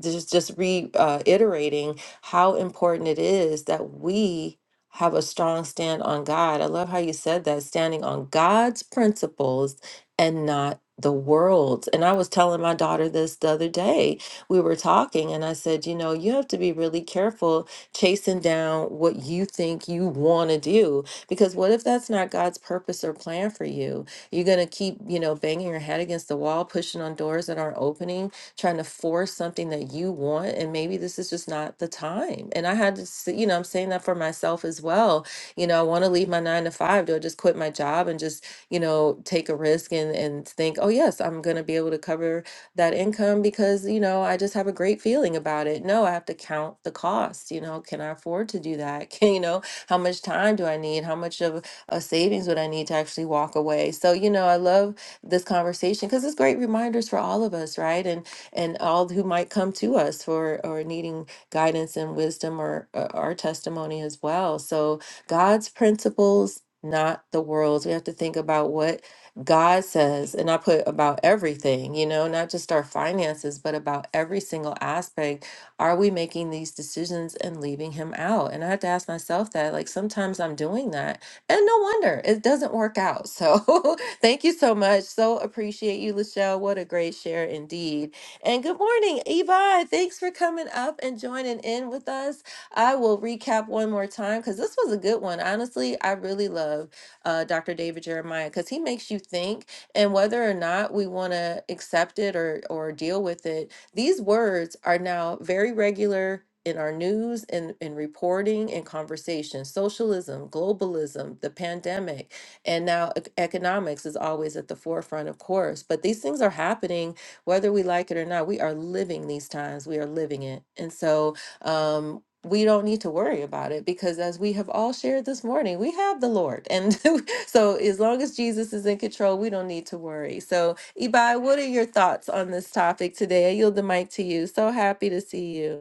just just reiterating how important it is that we have a strong stand on God. I love how you said that, standing on God's principles and not the world's. And I was telling my daughter this the other day. We were talking, and I said, you know, you have to be really careful chasing down what you think you want to do, because what if that's not God's purpose or plan for you? You're going to keep, you know, banging your head against the wall, pushing on doors that aren't opening trying to force something that you want and maybe this is just not the time and i had to see, you know i'm saying that for myself as well you know i want to leave my nine to five do i just quit my job and just you know take a risk and and think oh yes i'm going to be able to cover that income because you know i just have a great feeling about it no i have to count the cost you know can i afford to do that (laughs) can you know how much time do i need how much of a savings would i need to actually walk away so you know i love this conversation because it's great reminders for all of us right and and all who might come to us for or needing guidance and wisdom or, or our testimony as well. So God's principles, not the world's. We have to think about what God says, and I put about everything, you know, not just our finances, but about every single aspect. Are we making these decisions and leaving Him out? And I have to ask myself that. Like sometimes I'm doing that, and no wonder it doesn't work out. So (laughs) thank you so much. So appreciate you, Lachelle. What a great share indeed. And good morning, Yvonne. Thanks for coming up and joining in with us. I will recap one more time because this was a good one. Honestly, I really love uh, Dr. David Jeremiah because he makes you think, and whether or not we want to accept it or or deal with it, these words are now very regular in our news and in, reporting and conversation socialism globalism the pandemic and now ec- economics is always at the forefront of course but these things are happening whether we like it or not, we are living these times. We are living it. And so um, we don't need to worry about it because, as we have all shared this morning, we have the Lord. And (laughs) so, as long as Jesus is in control, we don't need to worry. So, Ibai, what are your thoughts on this topic today? I yield the mic to you. So happy to see you.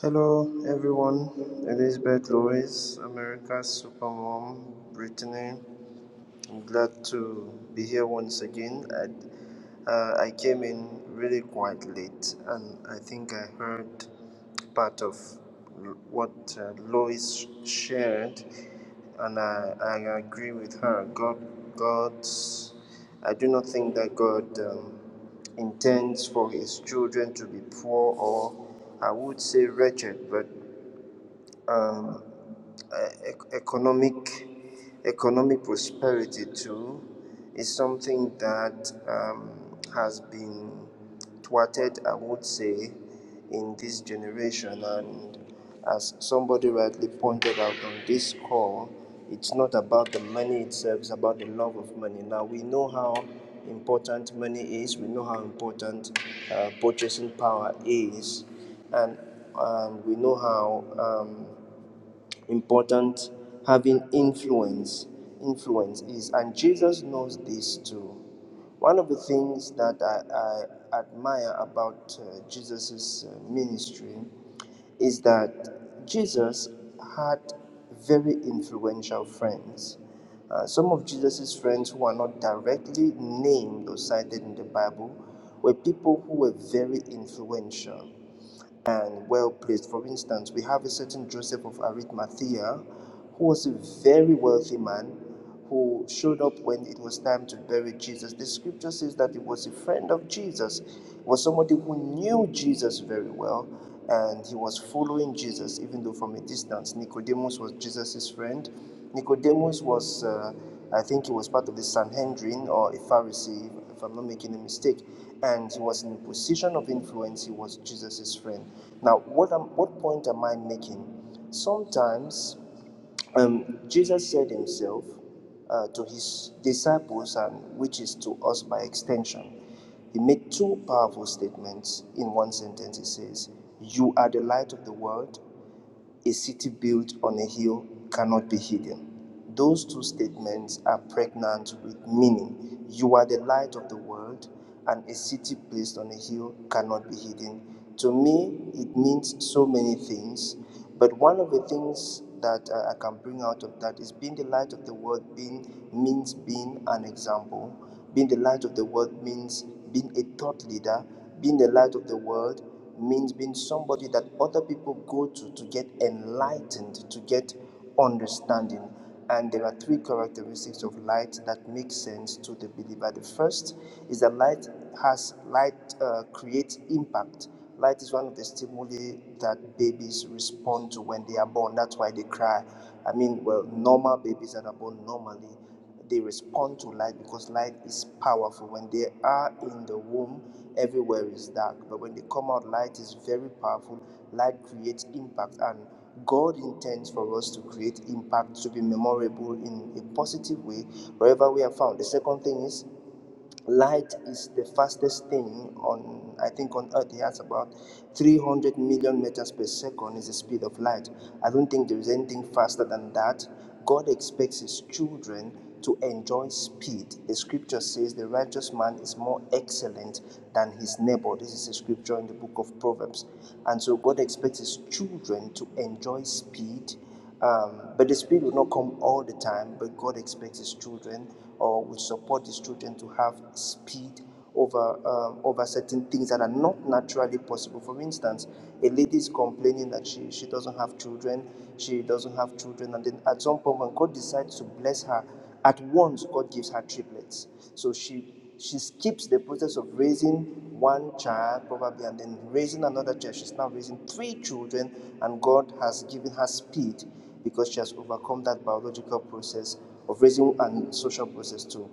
Hello, everyone. Elizabeth Lewis, America's Supermom, Brittany. I'm glad to be here once again. I, uh, I came in really quite late, and I think I heard part of l- what uh, Lois shared, and I, I agree with her. God, God's, I do not think that God um, intends for His children to be poor or, I would say, wretched, but um, uh, ec- economic economic prosperity too is something that um, has been thwarted, I would say, in this generation. And as somebody rightly pointed out on this call, it's not about the money itself; it's about the love of money. Now we know how important money is. We know how important uh, purchasing power is, and um, we know how. Um, important having influence influence is and jesus knows this too one of the things that i, I admire about uh, jesus' ministry is that jesus had very influential friends uh, some of jesus' friends who are not directly named or cited in the bible were people who were very influential and well placed. For instance, we have a certain Joseph of Arimathea who was a very wealthy man who showed up when it was time to bury Jesus. The scripture says that he was a friend of Jesus, he was somebody who knew Jesus very well. And he was following Jesus, even though from a distance. Nicodemus was Jesus' friend. Nicodemus was, uh, I think he was part of the Sanhedrin or a Pharisee, I'm, if I'm not making a mistake, and he was in a position of influence. He was Jesus's friend. Now, what am, what point am I making? Sometimes um, Jesus said himself uh, to his disciples, and which is to us by extension, he made two powerful statements in one sentence. He says, You are the light of the world, a city built on a hill cannot be hidden. Those two statements are pregnant with meaning. You are the light of the world, and a city placed on a hill cannot be hidden. To me, it means so many things, but one of the things that uh, I can bring out of that is being the light of the world being means being an example. Being the light of the world means being a thought leader. Being the light of the world means being somebody that other people go to to get enlightened, to get understanding. And there are three characteristics of light that make sense to the believer. The first is that light has light uh, creates impact. Light is one of the stimuli that babies respond to when they are born. That's why they cry. I mean, well, normal babies that are born normally they respond to light because light is powerful. When they are in the womb, everywhere is dark. But when they come out, light is very powerful. Light creates impact. And God intends for us to create impact to be memorable in a positive way wherever we are found. The second thing is light is the fastest thing on i think on earth it has about 300 million meters per second is the speed of light i don't think there is anything faster than that god expects his children to enjoy speed the scripture says the righteous man is more excellent than his neighbor this is a scripture in the book of proverbs and so god expects his children to enjoy speed um, but the Spirit will not come all the time, but God expects His children or will support His children to have speed over um, over certain things that are not naturally possible. For instance, a lady is complaining that she, she doesn't have children, she doesn't have children, and then at some point when God decides to bless her, at once God gives her triplets. So she she skips the process of raising one child probably and then raising another child she's now raising three children and god has given her speed because she has overcome that biological process of raising and social process too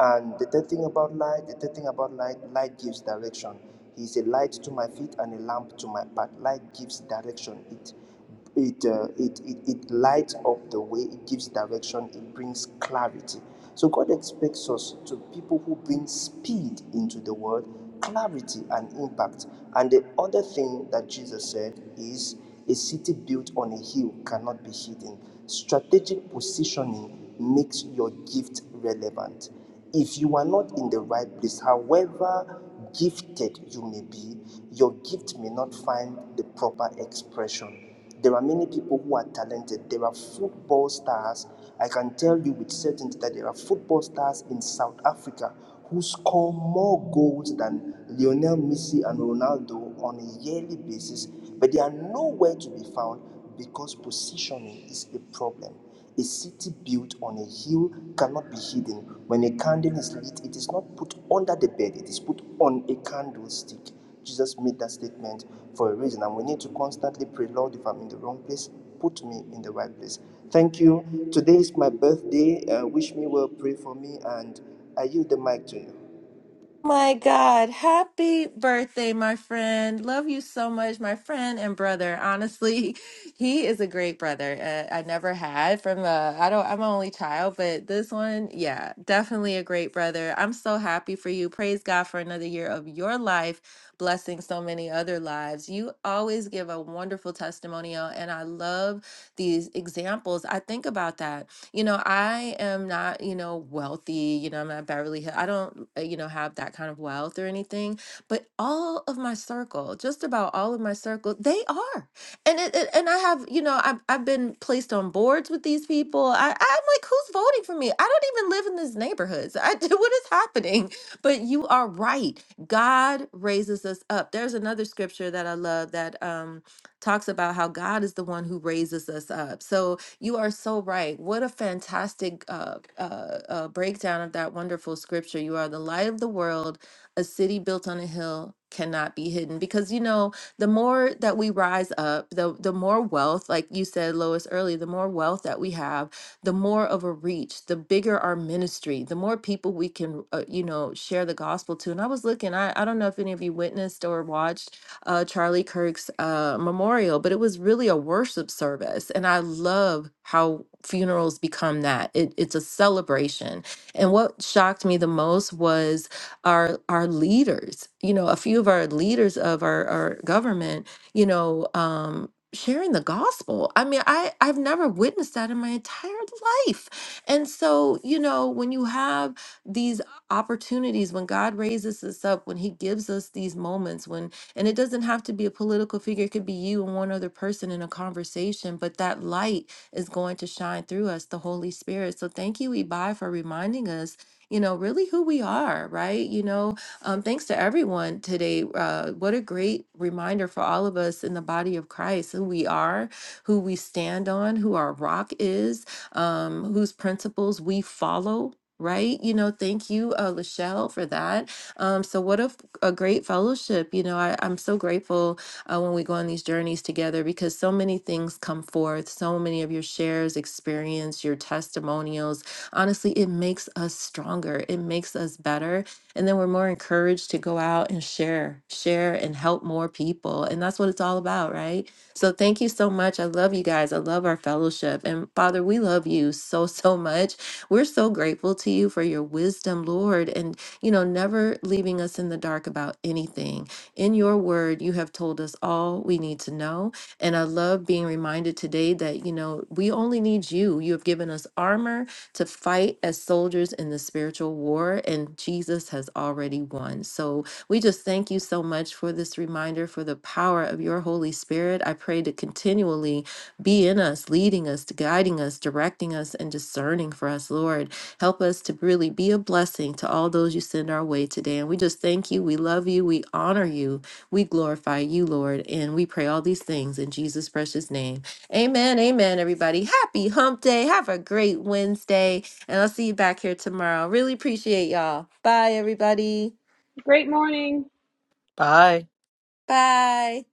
and the third thing about light the third thing about light light gives direction he is a light to my feet and a lamp to my path light gives direction it it, uh, it, it, it lights up the way, it gives direction, it brings clarity. So God expects us to people who bring speed into the world, clarity and impact. And the other thing that Jesus said is a city built on a hill cannot be hidden. Strategic positioning makes your gift relevant. If you are not in the right place, however gifted you may be, your gift may not find the proper expression. There are many people who are talented. There are football stars. I can tell you with certainty that there are football stars in South Africa who score more goals than Lionel Messi and Ronaldo on a yearly basis, but they are nowhere to be found because positioning is a problem. A city built on a hill cannot be hidden. When a candle is lit, it is not put under the bed, it is put on a candlestick. Jesus made that statement for a reason, and we need to constantly pray, Lord, if I'm in the wrong place, put me in the right place. Thank you. Today is my birthday. Uh, wish me well, pray for me, and I yield the mic to you. My God, happy birthday, my friend. Love you so much, my friend and brother. Honestly, (laughs) he is a great brother. Uh, I never had from uh I don't I'm an only child, but this one, yeah, definitely a great brother. I'm so happy for you. Praise God for another year of your life, blessing so many other lives. You always give a wonderful testimonial and I love these examples. I think about that you know, I am not, you know, wealthy, you know, I'm not Beverly Hill. I don't, uh, you know, have that kind of wealth or anything, but all of my circle, just about all of my circle, they are. And it, it- and I have, you know, I've, I've been placed on boards with these people. I, I'm like, who's voting for me? I don't even live in these neighborhoods. I, (laughs) what is happening? But you are right. God raises us up. There's another scripture that I love that um, talks about how God is the one who raises us up. So, you are so right. What a fantastic uh, uh, uh, breakdown of that wonderful scripture. You are the light of the world. A city built on a hill cannot be hidden because you know the more that we rise up the the more wealth like you said Lois earlier the more wealth that we have the more of a reach the bigger our ministry the more people we can uh, you know share the gospel to and I was looking I I don't know if any of you witnessed or watched uh, Charlie Kirk's uh, memorial, but it was really a worship service. And I love how funerals become that. It, it's a celebration. And what shocked me the most was our our leaders, you know, a few of our leaders of our, our government, you know, um, sharing the gospel. I mean, I, I've never witnessed that in my entire life. And so, you know, when you have these opportunities, when God raises us up, when He gives us these moments, when and it doesn't have to be a political figure, it could be you and one other person in a conversation, but that light is going to shine through us, the Holy Spirit. So thank you, Ibai, for reminding us. You know, really who we are, right? You know, um, thanks to everyone today. Uh, what a great reminder for all of us in the body of Christ who we are, who we stand on, who our rock is, um, whose principles we follow. Right, you know, thank you, uh, Lachelle, for that. Um, so, what a a great fellowship. You know, I, I'm so grateful uh, when we go on these journeys together because so many things come forth, so many of your shares, experience, your testimonials. Honestly, it makes us stronger, it makes us better. And then we're more encouraged to go out and share, share and help more people. And that's what it's all about, right? So thank you so much. I love you guys. I love our fellowship. And Father, we love you so, (laughs) so much. We're so grateful to you for your wisdom, Lord. And you know, never leaving us in the dark about anything. In your word, you have told us all we need to know. And I love being reminded today that, you know, we only need you. You have given us armor to fight as soldiers in the spiritual war, and Jesus has already won. So we just thank you so much for this reminder, for the power of your Holy Spirit. I pray to continually be in us, leading us, guiding us, directing us, and discerning for us, Lord. Help us to really be a blessing to all those you send our way today. And we just thank you. We love you. We honor you. We glorify you, Lord. And we pray all these things in Jesus' precious name. Amen. Amen, everybody. Happy hump day. Have a great Wednesday. And I'll see you back here tomorrow. Really appreciate y'all. Bye, everybody. Great morning. Bye. Bye.